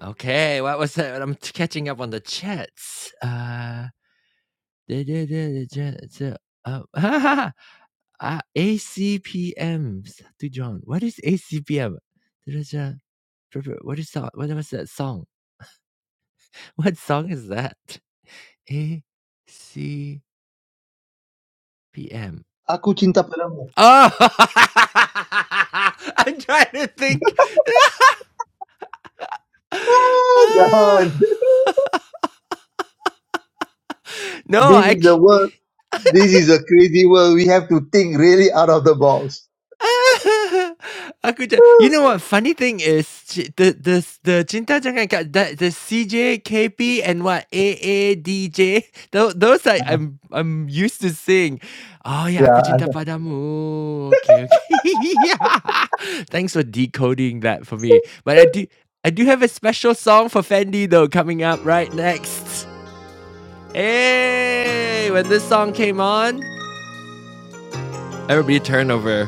Speaker 1: Okay, what was that? I'm catching up on the chats. Uh, da- da- da- da- ja- ja- uh, ha, ha, ha. uh, ACPM. To John, what is ACPM? ja- What is that? What was that song? What song is that? ACPM.
Speaker 3: Aku cinta padamu.
Speaker 1: Oh, I'm trying to think.
Speaker 3: Ah, Jahan,
Speaker 1: no,
Speaker 3: this is a
Speaker 1: actually,
Speaker 3: world. This is a crazy world. We have to think really out of the box.
Speaker 1: Akuja. You
Speaker 3: Yes.
Speaker 1: know what? Funny thing is, she- the the the Cinta Jangan kau, the the C J K P and what AADJ. Those those I I'm I'm used to sing. Oh yeah, aku
Speaker 3: yeah, and
Speaker 1: cinta padamu. Okay, okay. yeah. Thanks for decoding that for me. But I do I do have a special song for Fendi though coming up right next. Hey, when this song came on. Everybody turn over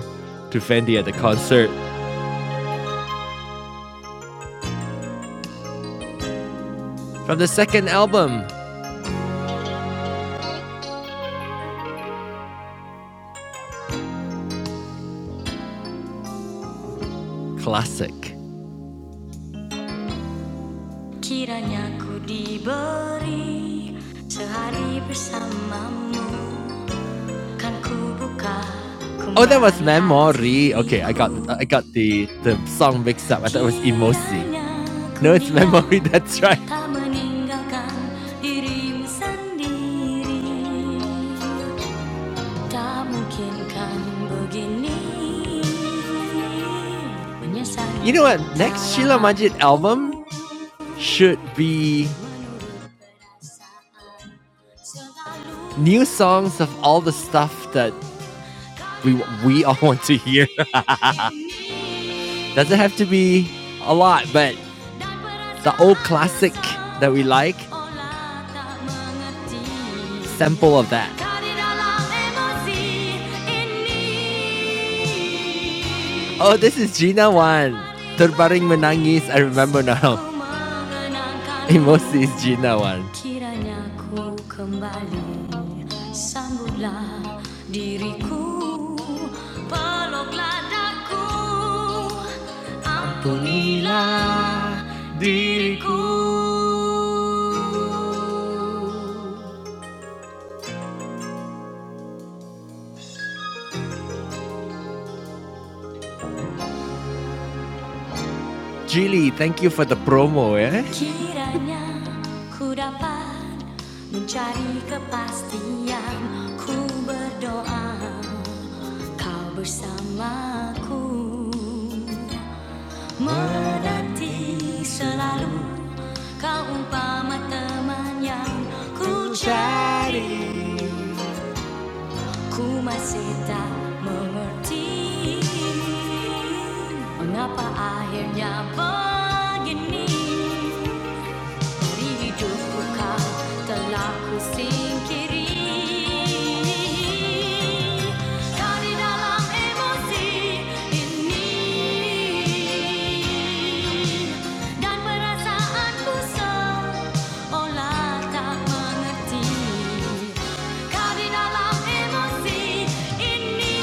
Speaker 1: to Fendi at the concert from the second album, Classic. Kiranya ku diberi sehari bersamamu Kan ku buka Oh, that was Memory. Okay, I got I got the the song mixed up. I thought it was Emosi. No, it's Memory. That's right. You know what? Next Sheila Majid album should be new songs of all the stuff that we we all want to hear. Doesn't have to be a lot, but the old classic that we like, sample of that. Oh, this is Gina one. Terbaring menangis. I remember now. Emosi is Gina one. Ampunilah diriku Jilly, thank you for the promo eh? Kiranya ku dapat mencari kepastian Ku berdoa kau bersamaku Menanti selalu kau umpama teman yang ku cari ku masih tak mengerti mengapa akhirnya begini dari hidupku kau telah ku singkiri dari dalam emosi ini dan perasaanku sendiri Olata manati, kadidala emosi ini.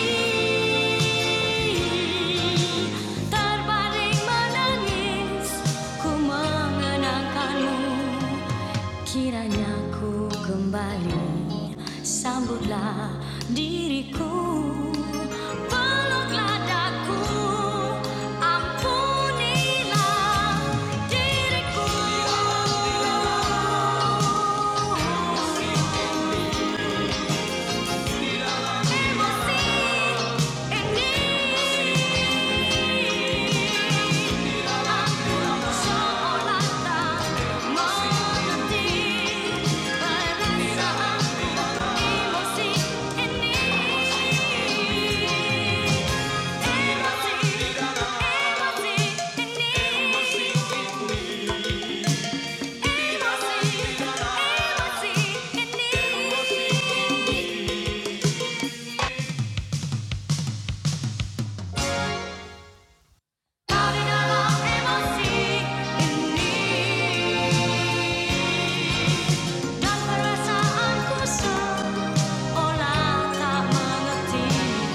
Speaker 1: Terbaring menangis, ku mengenangkanmu. Kiranya ku kembali, sambutlah diriku. Peluklah daku, ampunilah diriku. Dan perasaanku seolah tak mengerti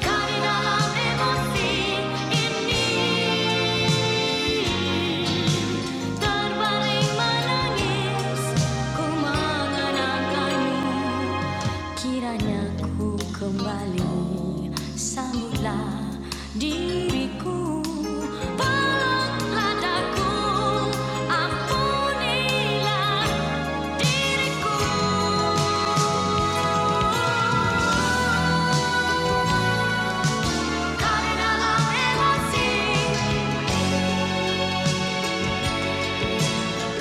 Speaker 1: Karena emosi ini terbaring menangis, ku mengenangkanmu. Kiranya ku kembali, sambutlah diriku. Peluklah daku, ampunilah diriku. Karena lau emosi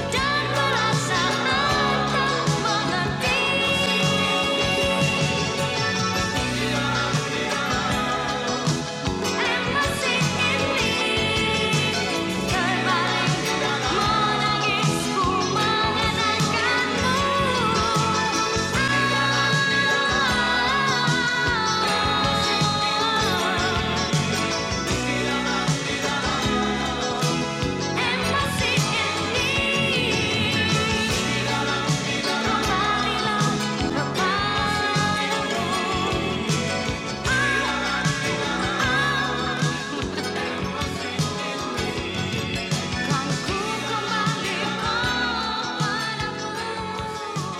Speaker 1: Dan merasa harta mengerti Emosi ini terbalik Menangisku mengatakanmu Emosi ini Marilah kepadamu Kan ku kembali kepadamu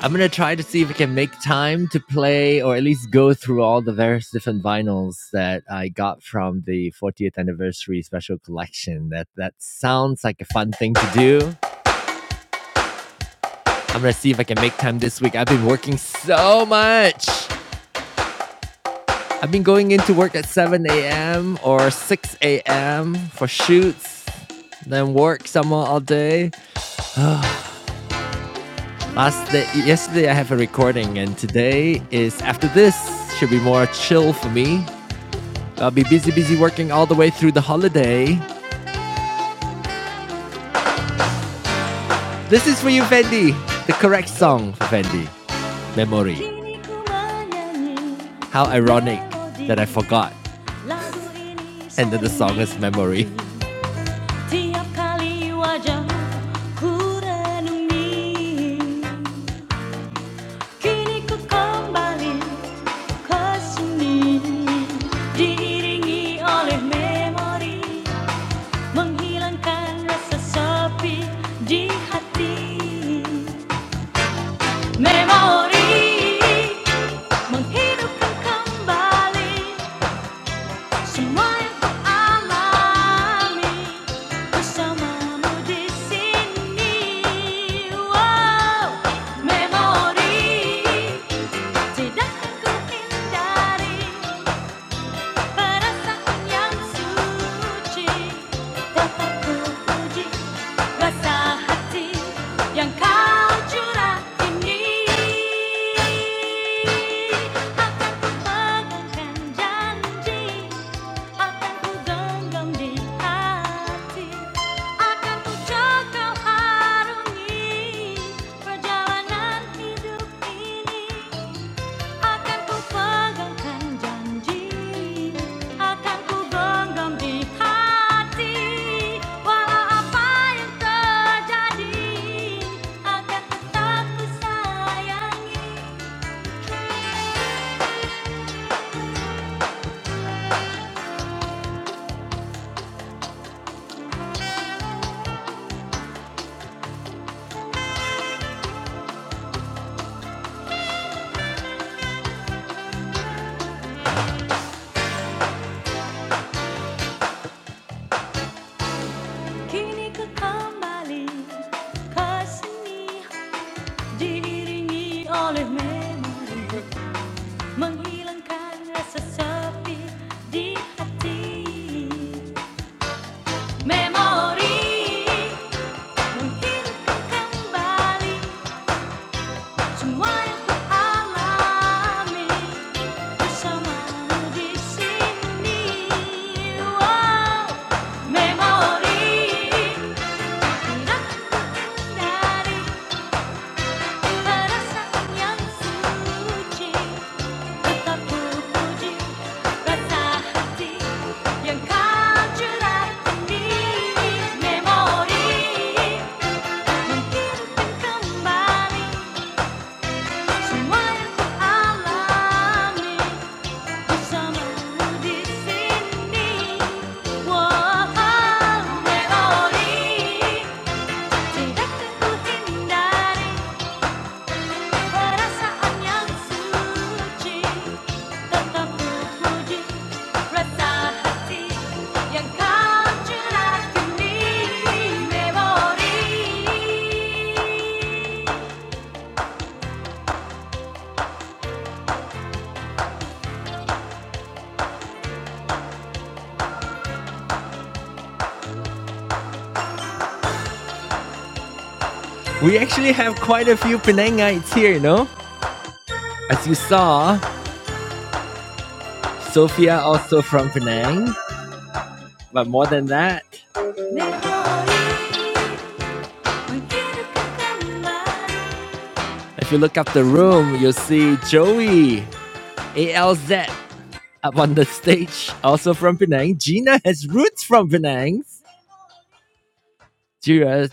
Speaker 1: I'm gonna try to see if I can make time to play or at least go through all the various different vinyls that I got from the 40th anniversary special collection. That that sounds like a fun thing to do. I'm gonna see if I can make time this week. I've been working so much. I've been going into work at 7 a.m. or 6 a.m. for shoots, then work somewhere all day. Last day, yesterday I have a recording, and today is after this should be more chill for me. I'll be busy, busy working all the way through the holiday. This is for you, Fendi. The correct song for Fendi. Memory. How ironic that I forgot. And then the song is Memory. menghilangkan rasa sepi di hati memori menghidupkan kembali semua yang ku alami bersamamu di sini wow memori tidak akan ku hindari perasaan yang suci dapat kuuji rasa hati yang kau curah ini akan ku pegangkan janji akan ku genggam di hati akan ku jaga harungi perjalanan hidup ini Akan ku janji, akan ku di hati. Walau apa yang terjadi, akan tetap ku sayangi. Kini ku kembali diiringi oleh memori, menghilangkan rasa sepi di hati. Memori. menghidupkan kembali semua yang ku bersamamu di sini. Wow, memori tidak terhindari perasaan yang suci tetap puji rasa hati yang kau curahkan di memori kembali. We actually have quite a few Penangites here, no? As you saw, Sophia also from Penang, but more than that, if you look up the room, you'll see Joey ALZ up on the stage, also from Penang. Gina has roots from Penang.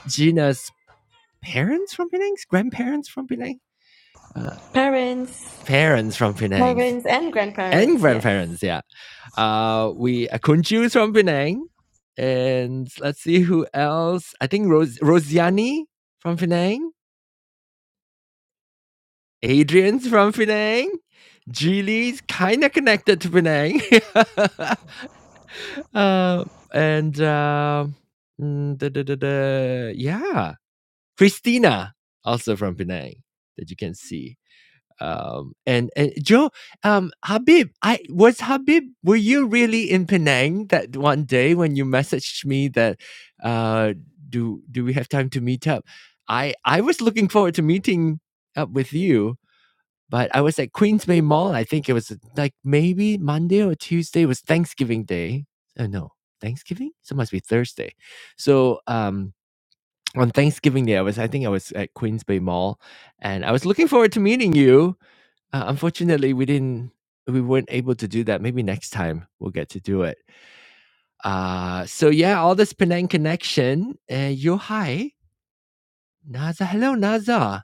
Speaker 1: Gina's parents from Penang, grandparents from Penang, uh,
Speaker 2: Parents,
Speaker 1: parents from Penang.
Speaker 2: parents and
Speaker 1: and
Speaker 2: grandparents, yes.
Speaker 1: grandparents. Yeah, uh, we uh, Kun Chiu from Penang, and let's see who else. I think Ros- Rosiani from Penang, Adrian's from Penang, Julie's kind of connected to Penang, uh, and uh, mm, da, da, da, da, yeah, Christina also from Penang that you can see. Um, and, and Joe, um, Habib, I was Habib. Were you really in Penang that one day when you messaged me that uh, do do we have time to meet up? I I was looking forward to meeting up with you, but I was at Queens Mall. I think it was like maybe Monday or Tuesday It was Thanksgiving Day. Oh no, Thanksgiving? So it must be Thursday. So um, on Thanksgiving Day, I was I think I was at Queens Mall, and I was looking forward to meeting you uh, unfortunately, we didn't we weren't able to do that. Maybe next time we'll get to do it. Uh, so yeah, all this Penang connection. Uh, yo hi, Naza. Hello, Naza.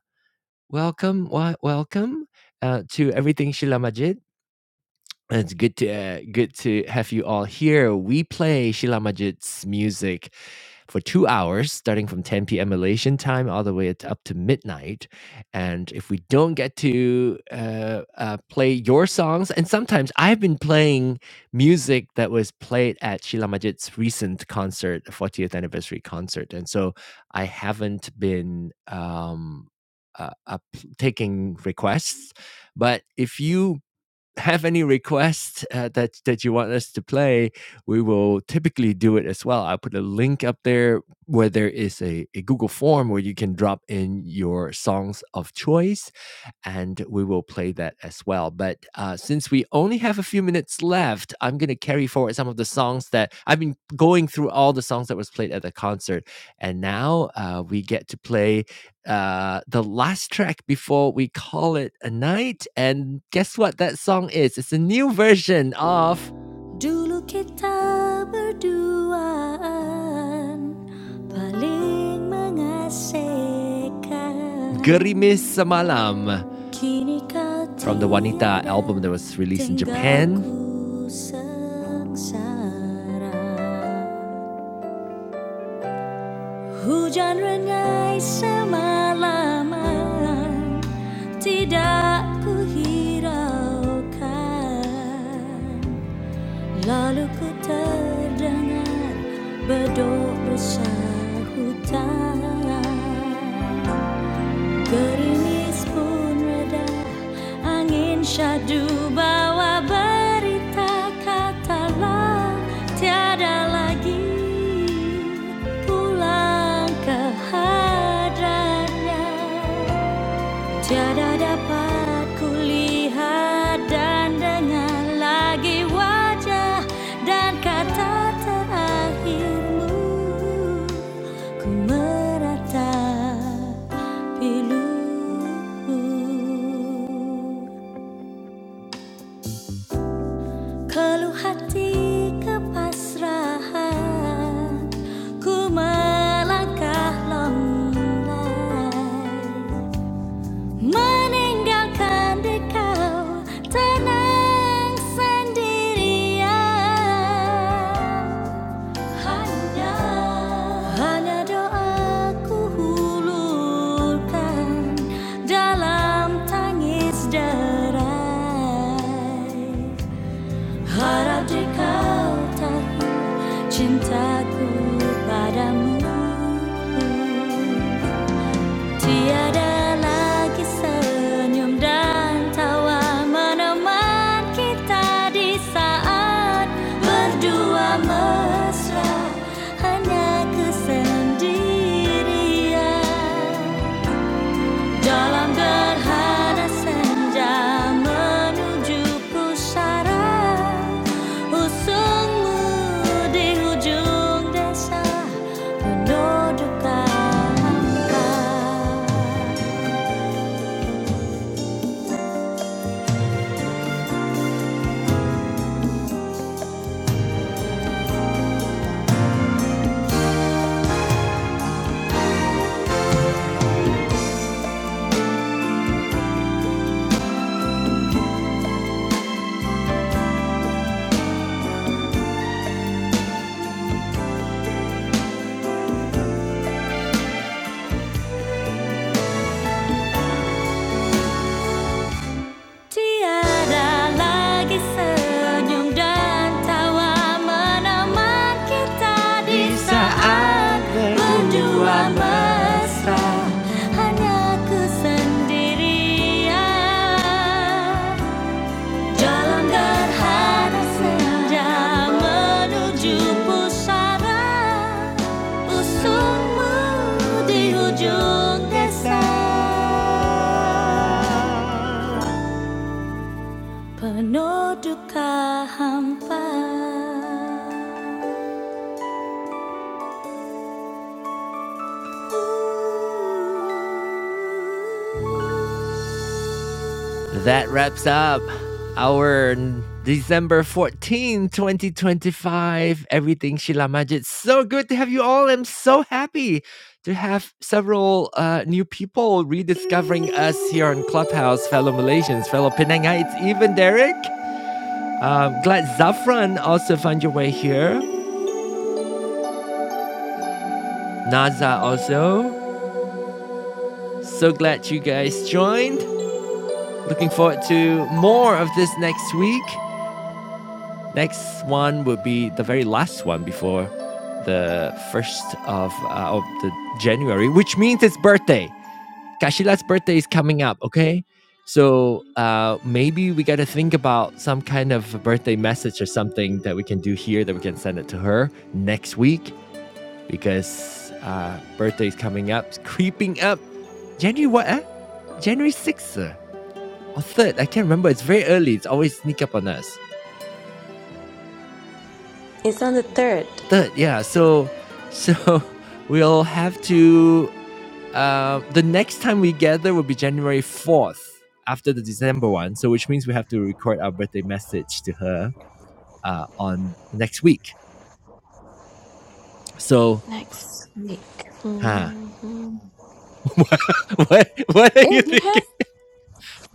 Speaker 1: Welcome, wa- welcome uh, to everything Shila Majid. It's good to uh, good to have you all here. We play Shila Majid's music for two hours, starting from 10 p.m. Malaysian time all the way up to midnight. And if we don't get to uh, uh, play your songs, and sometimes I've been playing music that was played at Sheila Majid's recent concert, 40th anniversary concert. And so I haven't been um, uh, up taking requests. But if you have any requests uh, that that you want us to play, we will typically do it as well. I'll put a link up there where there is a, a Google form where you can drop in your songs of choice, and we will play that as well. But uh, since we only have a few minutes left, I'm gonna carry forward some of the songs that I've been going through all the songs that was played at the concert, and now uh, we get to play uh the last track before we call it a night and guess what that song is it's a new version of Dulu kita berduaan paling mengasihkan. Gerimis Semalam from the Wanita album that was released in Japan Hujan rengai semalaman tidak kuhiraukan Lalu ku terdengar bedok bersahutan Gerimis pun reda, angin syahdu bawa berita Katalah tiada lagi pulang ke hadratnya Tiada dapat kulihat dan dengar lagi wajah dan kata terakhirmu Ku meratapi luhur Keluh hati kepasrahan Ku melangkah longlai Meninggalkan dikau tenang sendirian hanya hanya doaku hulurkan dalam tangis derai harap dikau tahu cintaku padamu Tiada lagi senyum dan tawa menemani kita di saat berdua mesra hanya kesendirian dalam gerhana senja menuju pusara usungmu di hujung desa penuh duka hampa. Tiada lagi senyum dan tawa menemani kita di saat berdua mesra hanya kesendirian dalam gerhana senja menuju pusara usungmu di ujung desa. Penuduka hampa That wraps up our December 14, 2025, Everything Sheila Majid. So good to have you all. I'm so happy to have several uh, new people rediscovering us here on Clubhouse, fellow Malaysians, fellow Penangites, even Derek. Um, glad Zafran also found your way here. Naza also. So glad you guys joined. Looking forward to more of this next week. Next one will be the very last one before the 1st of, uh, of the January, which means it's birthday. Kashila's birthday is coming up, okay? So uh, maybe we got to think about some kind of a birthday message or something that we can do here that we can send it to her next week because uh, birthday is coming up, it's creeping up. January what? Eh? January 6th or third. I can't remember. It's very early. It's always sneak up on us.
Speaker 2: It's on the 3rd.
Speaker 1: Third, yeah. So, so we'll have to. Uh, the next time we gather will be January fourth after the December one. So, which means we have to record our birthday message to her uh, on next week. So,
Speaker 2: Next week.
Speaker 1: huh? What what are
Speaker 2: Eh,
Speaker 1: you
Speaker 2: we
Speaker 1: thinking?
Speaker 2: have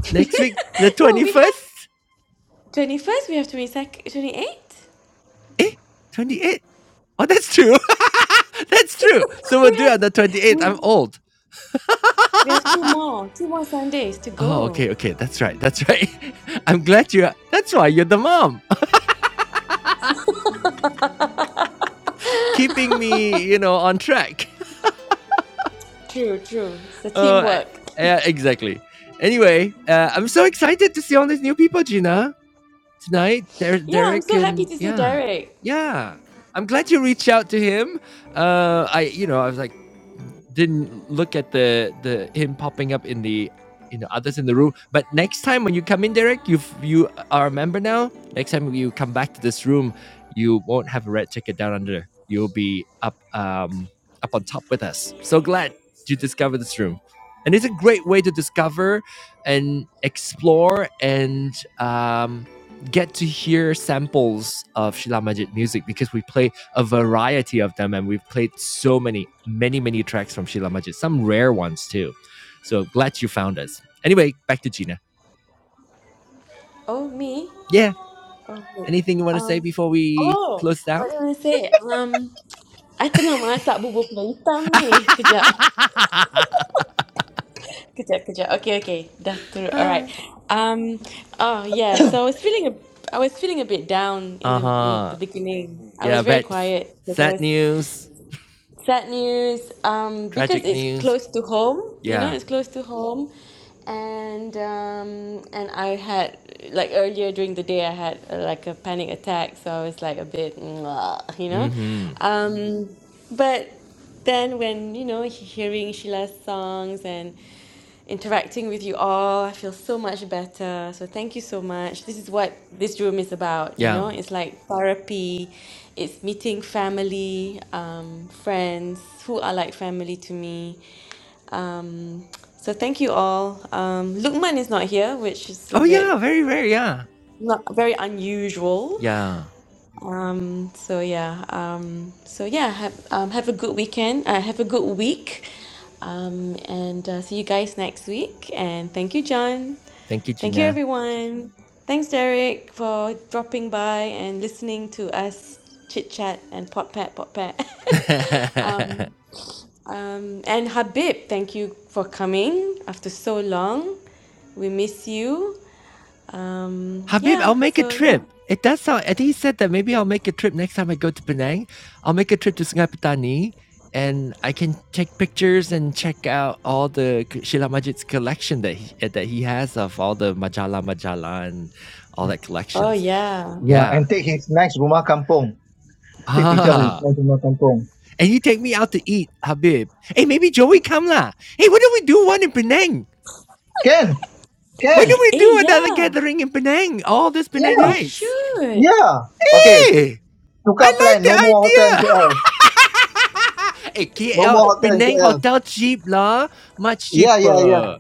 Speaker 1: Next week, the
Speaker 2: no,
Speaker 1: twenty
Speaker 2: we
Speaker 1: first?
Speaker 2: have twenty first. We have twenty second, twenty eighth.
Speaker 1: Eh, twenty eighth. Oh, that's true. that's true. So we'll
Speaker 2: We
Speaker 1: do it
Speaker 2: have
Speaker 1: on the twenty eighth. I'm
Speaker 2: we
Speaker 1: old.
Speaker 2: we have two more, two more Sundays to
Speaker 1: Oh,
Speaker 2: go.
Speaker 1: okay, okay. That's right. That's right. I'm glad you. are- That's why you're the mom, keeping me, you know, on track.
Speaker 2: True, true. It's a
Speaker 1: Uh,
Speaker 2: teamwork.
Speaker 1: yeah, exactly. Anyway, uh, I'm so excited to see all these new people, Gina. tonight, Der-
Speaker 2: Yeah, I'm
Speaker 1: Derek
Speaker 2: so happy
Speaker 1: and
Speaker 2: to see
Speaker 1: yeah,
Speaker 2: Derek.
Speaker 1: yeah. I'm glad you reached out to him. Uh, I, you know, I was like, didn't look at the the him popping up in the you know others in the room. But next time when you come in, Derek, you you are a member now. Next time you come back to this room, you won't have a red ticket down under. You'll be up um up on top with us. So glad you discovered this room, and it's a great way to discover and explore and um get to hear samples of Shila Majid music because we play a variety of them and we've played so many, many, many tracks from Shila Majid, some rare ones too. So glad you found us. Anyway, back to Gina.
Speaker 2: Oh me?
Speaker 1: Yeah,
Speaker 2: Oh wait.
Speaker 1: anything you want to say
Speaker 2: Um.
Speaker 1: before we
Speaker 2: Oh,
Speaker 1: close down?
Speaker 2: what do I say? Um, I tengah masak bubur pulut hitam
Speaker 1: uh
Speaker 2: ni. Kejap. Kejap, kejap. Okay, okay. Dah through. All right. Um. Oh yeah. So I was feeling a, I was feeling a bit down in the in the
Speaker 1: huh.
Speaker 2: beginning. I
Speaker 1: Yeah,
Speaker 2: was very
Speaker 1: but
Speaker 2: quiet because I
Speaker 1: sad
Speaker 2: was
Speaker 1: news,
Speaker 2: sad news. Um. Because
Speaker 1: tragic
Speaker 2: it's
Speaker 1: news.
Speaker 2: close to home. You know,
Speaker 1: Yeah.
Speaker 2: it's close to home, and um. And I had like earlier during the day I had uh, like a panic attack. So I was like a bit, "Mwah," you
Speaker 1: Mm
Speaker 2: know,
Speaker 1: hmm.
Speaker 2: um. But then when you know he- hearing Sheila's songs and interacting with you all. I feel so much better. So thank you so much. This is what this room is about, you
Speaker 1: Yeah.
Speaker 2: know? It's like therapy, it's meeting family, um, friends who are like family to me. Um, so thank you all. Um, Lukman is not here, which is a
Speaker 1: Oh, yeah,
Speaker 2: bit
Speaker 1: very, very, yeah.
Speaker 2: not very unusual.
Speaker 1: Yeah.
Speaker 2: Um, so yeah, um, so yeah, have, um, have a good weekend. Uh, have a good week. Um, and uh, see you guys next week. And thank you, John.
Speaker 1: Thank you,
Speaker 2: Thank you,
Speaker 1: Gina.
Speaker 2: everyone. Thanks, Derek, for dropping by and listening to us chit chat and pot pat, pot pat. um, um, and Habib, thank you for coming after so long. We miss you. Um,
Speaker 1: Habib, I'll
Speaker 2: yeah,
Speaker 1: make a
Speaker 2: so yeah.
Speaker 1: trip. It does sound. I think he said that maybe I'll make a trip next time I go to Penang. I'll make a trip to Sungai Petani, and I can take pictures and check out all the c- Sheila Majid's collection that he eh, that he has of all the majala majala and all that
Speaker 2: Oh,
Speaker 1: collections.
Speaker 2: yeah.
Speaker 3: yeah,
Speaker 1: Yeah.
Speaker 3: and take his nice rumah kampung. Take picture of his
Speaker 1: Ah,
Speaker 3: nice rumah kampung.
Speaker 1: and you take me out to eat, Habib. Hey, maybe Joey come lah. Hey, why don't we do one in Penang?
Speaker 3: Can,
Speaker 1: Why don't
Speaker 3: can,
Speaker 1: we
Speaker 2: Eh,
Speaker 1: do another
Speaker 2: yeah.
Speaker 1: gathering in Penang? All this
Speaker 2: We
Speaker 3: yeah,
Speaker 1: Penangites.
Speaker 2: should
Speaker 3: yeah. Okay,
Speaker 1: Hey.
Speaker 3: tukar plan. No more
Speaker 1: I
Speaker 3: hotel in KL.
Speaker 1: like the idea. hey,
Speaker 3: No
Speaker 1: KL
Speaker 3: more hotel in
Speaker 1: Penang
Speaker 3: KL.
Speaker 1: hotel cheap lah, much
Speaker 3: Yeah, yeah, yeah.
Speaker 1: cheaper.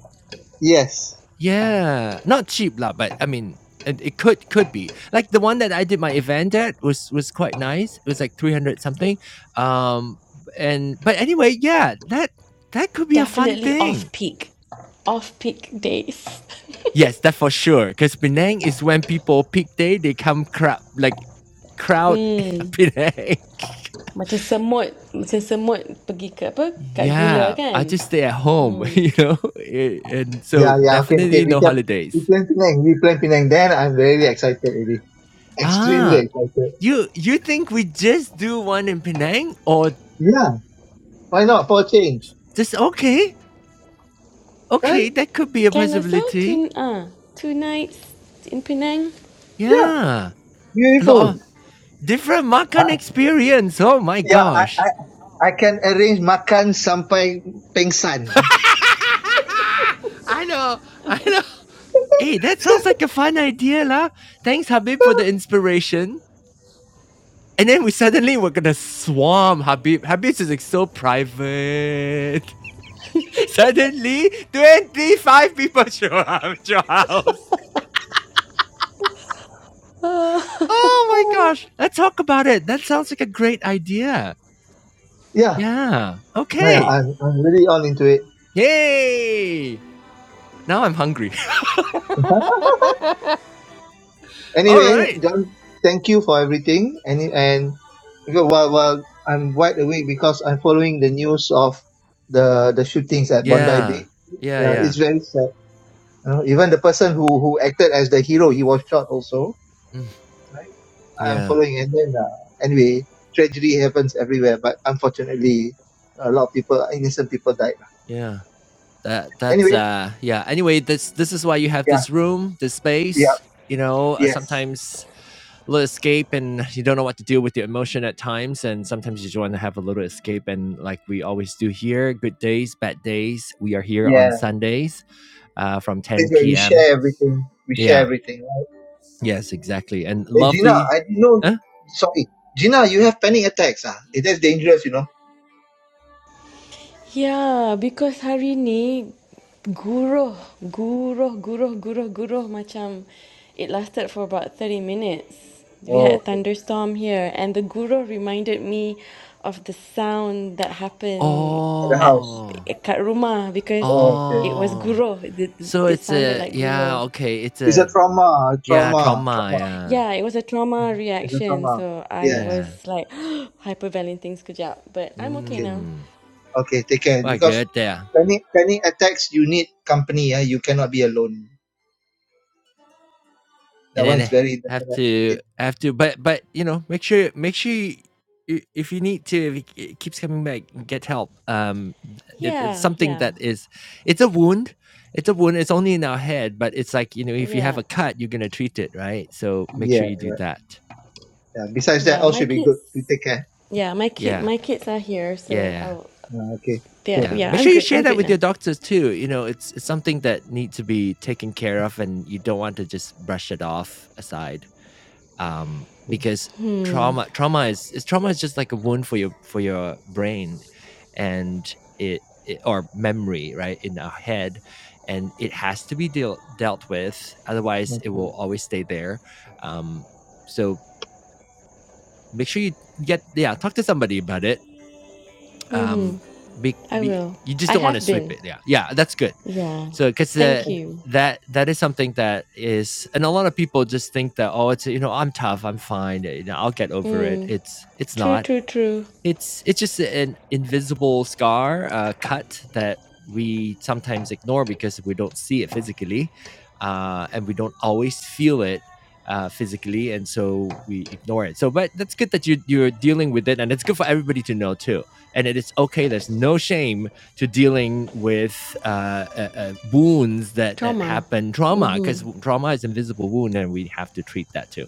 Speaker 3: Yes.
Speaker 1: Yeah, not cheap lah, but I mean, it, it could could be like the one that I did my event at was was quite nice. It was like three hundred something. Um, and but anyway, yeah, that that could be a fun
Speaker 2: definitely off
Speaker 1: thing.
Speaker 2: peak, off peak days.
Speaker 1: Yes, that for sure. Because Penang is when people peak day, they come crowd like crowd
Speaker 2: Hmm.
Speaker 1: Penang.
Speaker 2: macam semut, macam semut pergi ke apa? Kat gula
Speaker 1: Yeah, I
Speaker 2: kan?
Speaker 1: just stay at home,
Speaker 2: Hmm.
Speaker 1: you know, a- and so
Speaker 3: Yeah, yeah. Okay,
Speaker 1: definitely
Speaker 3: okay. We
Speaker 1: no
Speaker 3: kept we
Speaker 1: holidays.
Speaker 3: plan Penang. We plan Penang. Then I'm very excited, really.
Speaker 1: Ah,
Speaker 3: Extremely excited.
Speaker 1: you you think we just do one in Penang or
Speaker 3: Yeah. Why not for a change,
Speaker 1: just okay?
Speaker 3: right?
Speaker 1: Okay, that could be a
Speaker 2: Can also
Speaker 1: possibility.
Speaker 2: two ah two nights in Penang.
Speaker 3: Yeah.
Speaker 1: Yeah, a lot of
Speaker 3: Beautiful.
Speaker 1: different makan
Speaker 3: Uh,
Speaker 1: experience. Oh my
Speaker 3: yeah. I,
Speaker 1: gosh.
Speaker 3: I I can arrange makan sampai pengsan.
Speaker 1: I know, I know. Hey, that sounds like a fun idea, lah. Thanks, Habib, for the inspiration. And then we suddenly were gonna swarm Habib. Habib is like so private. Suddenly, 25 people show up at your house.
Speaker 2: Oh.
Speaker 1: Oh my gosh. Let's talk about it. That sounds like a great idea.
Speaker 3: Yeah.
Speaker 1: Yeah.
Speaker 3: Oh, yeah.
Speaker 1: Okay.
Speaker 3: I'm I'm really all into it.
Speaker 1: Yay. Now I'm hungry. All
Speaker 3: Anyway,
Speaker 1: right.
Speaker 3: John, thank you for everything. And and because while while I'm wide awake because I'm following the news of the the shootings at Bondi
Speaker 1: Yeah.
Speaker 3: Beach.
Speaker 1: Yeah,
Speaker 3: Yeah,
Speaker 1: yeah.
Speaker 3: it's very sad. You know, even the person who who acted as the hero, he was shot also.
Speaker 1: Mm,
Speaker 3: Right? I'm
Speaker 1: yeah.
Speaker 3: following, and then uh, anyway, tragedy happens everywhere. But unfortunately, a lot of people, innocent people, died. lah.
Speaker 1: Yeah. That that's
Speaker 3: Anyway,
Speaker 1: uh yeah. Anyway, this this is why you have
Speaker 3: yeah,
Speaker 1: this room, this
Speaker 3: yeah,
Speaker 1: space. You know, uh,
Speaker 3: yes,
Speaker 1: sometimes little escape and you don't know what to do with your emotion at times and sometimes you just want to have a little escape and like we always do here good days bad days we are here on
Speaker 3: yeah.
Speaker 1: sundays uh, from
Speaker 3: Place
Speaker 1: 10
Speaker 3: where we
Speaker 1: p.m
Speaker 3: share everything, we share
Speaker 1: yeah
Speaker 3: everything. Right?
Speaker 1: yes exactly and
Speaker 3: Hey, Gina,
Speaker 1: lovely
Speaker 3: I didn't know. You,
Speaker 1: huh?
Speaker 3: sorry, Gina, you have panic attacks. Ah, Eh, that's dangerous, you know.
Speaker 2: ya because hari ni guruh guruh guruh guruh guruh macam it lasted for about thirty minutes we had
Speaker 3: Oh,
Speaker 2: a
Speaker 3: okay.
Speaker 2: thunderstorm here and the guruh reminded me of the sound that happened
Speaker 3: At the
Speaker 2: at
Speaker 3: house.
Speaker 1: oh
Speaker 2: kat rumah because
Speaker 3: Oh, okay.
Speaker 2: it was
Speaker 1: oh
Speaker 2: guruh it,
Speaker 1: so
Speaker 2: it
Speaker 1: it's
Speaker 2: sounded
Speaker 1: a
Speaker 2: like
Speaker 1: yeah
Speaker 2: guruh
Speaker 1: okay it's
Speaker 3: It's a
Speaker 1: a
Speaker 3: trauma,
Speaker 1: yeah
Speaker 3: trauma,
Speaker 1: trauma
Speaker 3: trauma.
Speaker 1: yeah
Speaker 2: yeah it was a trauma
Speaker 3: Mhm. It's a
Speaker 2: reaction
Speaker 3: trauma.
Speaker 2: so i
Speaker 3: Yes.
Speaker 2: was
Speaker 1: yeah
Speaker 2: like hyperventilating sekejap but i'm okay
Speaker 3: okay.
Speaker 2: now
Speaker 1: mm,
Speaker 3: Okay, take care.
Speaker 1: well
Speaker 3: Because
Speaker 1: good there
Speaker 3: panic panic attacks, you need company. Yeah, you cannot be alone.
Speaker 1: and
Speaker 3: That one
Speaker 1: then
Speaker 3: is
Speaker 1: I
Speaker 3: very
Speaker 1: have
Speaker 3: definite.
Speaker 1: to
Speaker 3: Yeah,
Speaker 1: I have to but but you know make sure make sure you, i- if you need to if it it keeps coming back get help um it, it's
Speaker 2: yeah
Speaker 1: something
Speaker 2: yeah
Speaker 1: that is it's a wound it's a wound it's only in our head but it's like you know if you have
Speaker 2: yeah
Speaker 1: a cut you're gonna treat it right so make sure
Speaker 3: yeah,
Speaker 1: you do
Speaker 3: correct.
Speaker 1: that
Speaker 3: Yeah. Besides that,
Speaker 2: yeah
Speaker 3: all
Speaker 2: my
Speaker 3: should be good.
Speaker 2: kids
Speaker 3: You take care.
Speaker 2: Yeah, my kid,
Speaker 1: yeah
Speaker 2: my kids are here, so
Speaker 1: yeah
Speaker 2: I'll.
Speaker 3: Yeah, okay,
Speaker 2: Yeah,
Speaker 3: good.
Speaker 1: yeah
Speaker 2: yeah,
Speaker 1: make
Speaker 2: I'm
Speaker 1: sure you
Speaker 2: good.
Speaker 1: share
Speaker 2: I'm
Speaker 1: that
Speaker 2: good
Speaker 1: with
Speaker 2: now.
Speaker 1: your doctors too you know it's, it's something that needs to be taken care of and you don't want to just brush it off aside um, because trauma trauma is, is trauma is just like a wound for your for your brain and it, it or memory right in our head and it has to be deal, dealt with otherwise it will
Speaker 3: Okay.
Speaker 1: always stay there um, so make sure you get yeah talk to somebody about it um
Speaker 2: Mm-hmm.
Speaker 1: be,
Speaker 2: I
Speaker 1: be
Speaker 2: will.
Speaker 1: you just
Speaker 2: I
Speaker 1: don't want to
Speaker 2: have
Speaker 1: sweep
Speaker 2: been.
Speaker 1: it yeah yeah that's good
Speaker 2: Yeah.
Speaker 1: so because
Speaker 2: Thank
Speaker 1: that
Speaker 2: you.
Speaker 1: that that is something that is and a lot of people just think that oh it's you know i'm tough i'm fine you know i'll get over it
Speaker 2: Mm.
Speaker 1: it's it's
Speaker 2: True,
Speaker 1: not
Speaker 2: true, true.
Speaker 1: it's it's just an invisible scar, uh, cut that we sometimes ignore because we don't see it physically, uh, and we don't always feel it uh, physically, and so we ignore it. So, but that's good that you you're dealing with it, and it's good for everybody to know too. And it is okay. There's no shame to dealing with uh, uh, uh, wounds that that
Speaker 2: Trauma.
Speaker 1: happen, trauma,
Speaker 2: Mm-hmm.
Speaker 1: because trauma is invisible wound, and we have to treat that too.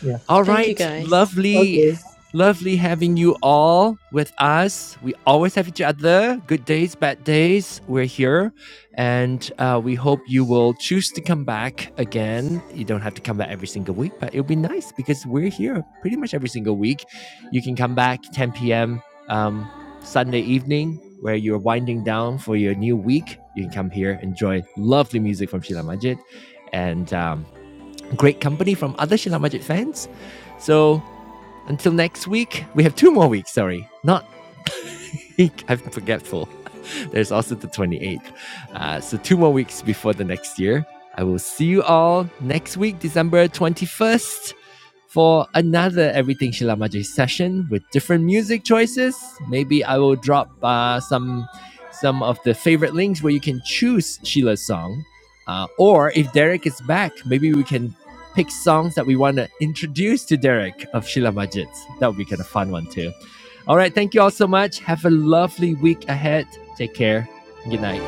Speaker 3: Yeah.
Speaker 1: All
Speaker 2: Thank you,
Speaker 1: right,
Speaker 2: guys.
Speaker 1: lovely.
Speaker 3: Okay.
Speaker 1: Lovely having you all with us. We always have each other. Good days, bad days. We're here. And uh, we hope you will choose to come back again. You don't have to come back every single week, but it'll be nice because we're here pretty much every single week. You can come back 10 p.m. Um, Sunday evening where you're winding down for your new week. You can come here, enjoy lovely music from Sheila Majid. And um, great company from other Shilla Magic fans. So until next week, we have two more weeks, sorry. Not week. I'm forgetful. There's also the 28th. Uh, so, two more weeks before the next year. I will see you all next week, December 21st, for another Everything Shilamaji session with different music choices. Maybe I will drop uh, some some of the favorite links where you can choose Sheila's song. Uh, or if Derek is back, maybe we can pick songs that we want to introduce to Derek of Sheila Majid. That would be kind of fun one too. All right. Thank you all so much. Have a lovely week ahead. Take care. Good night.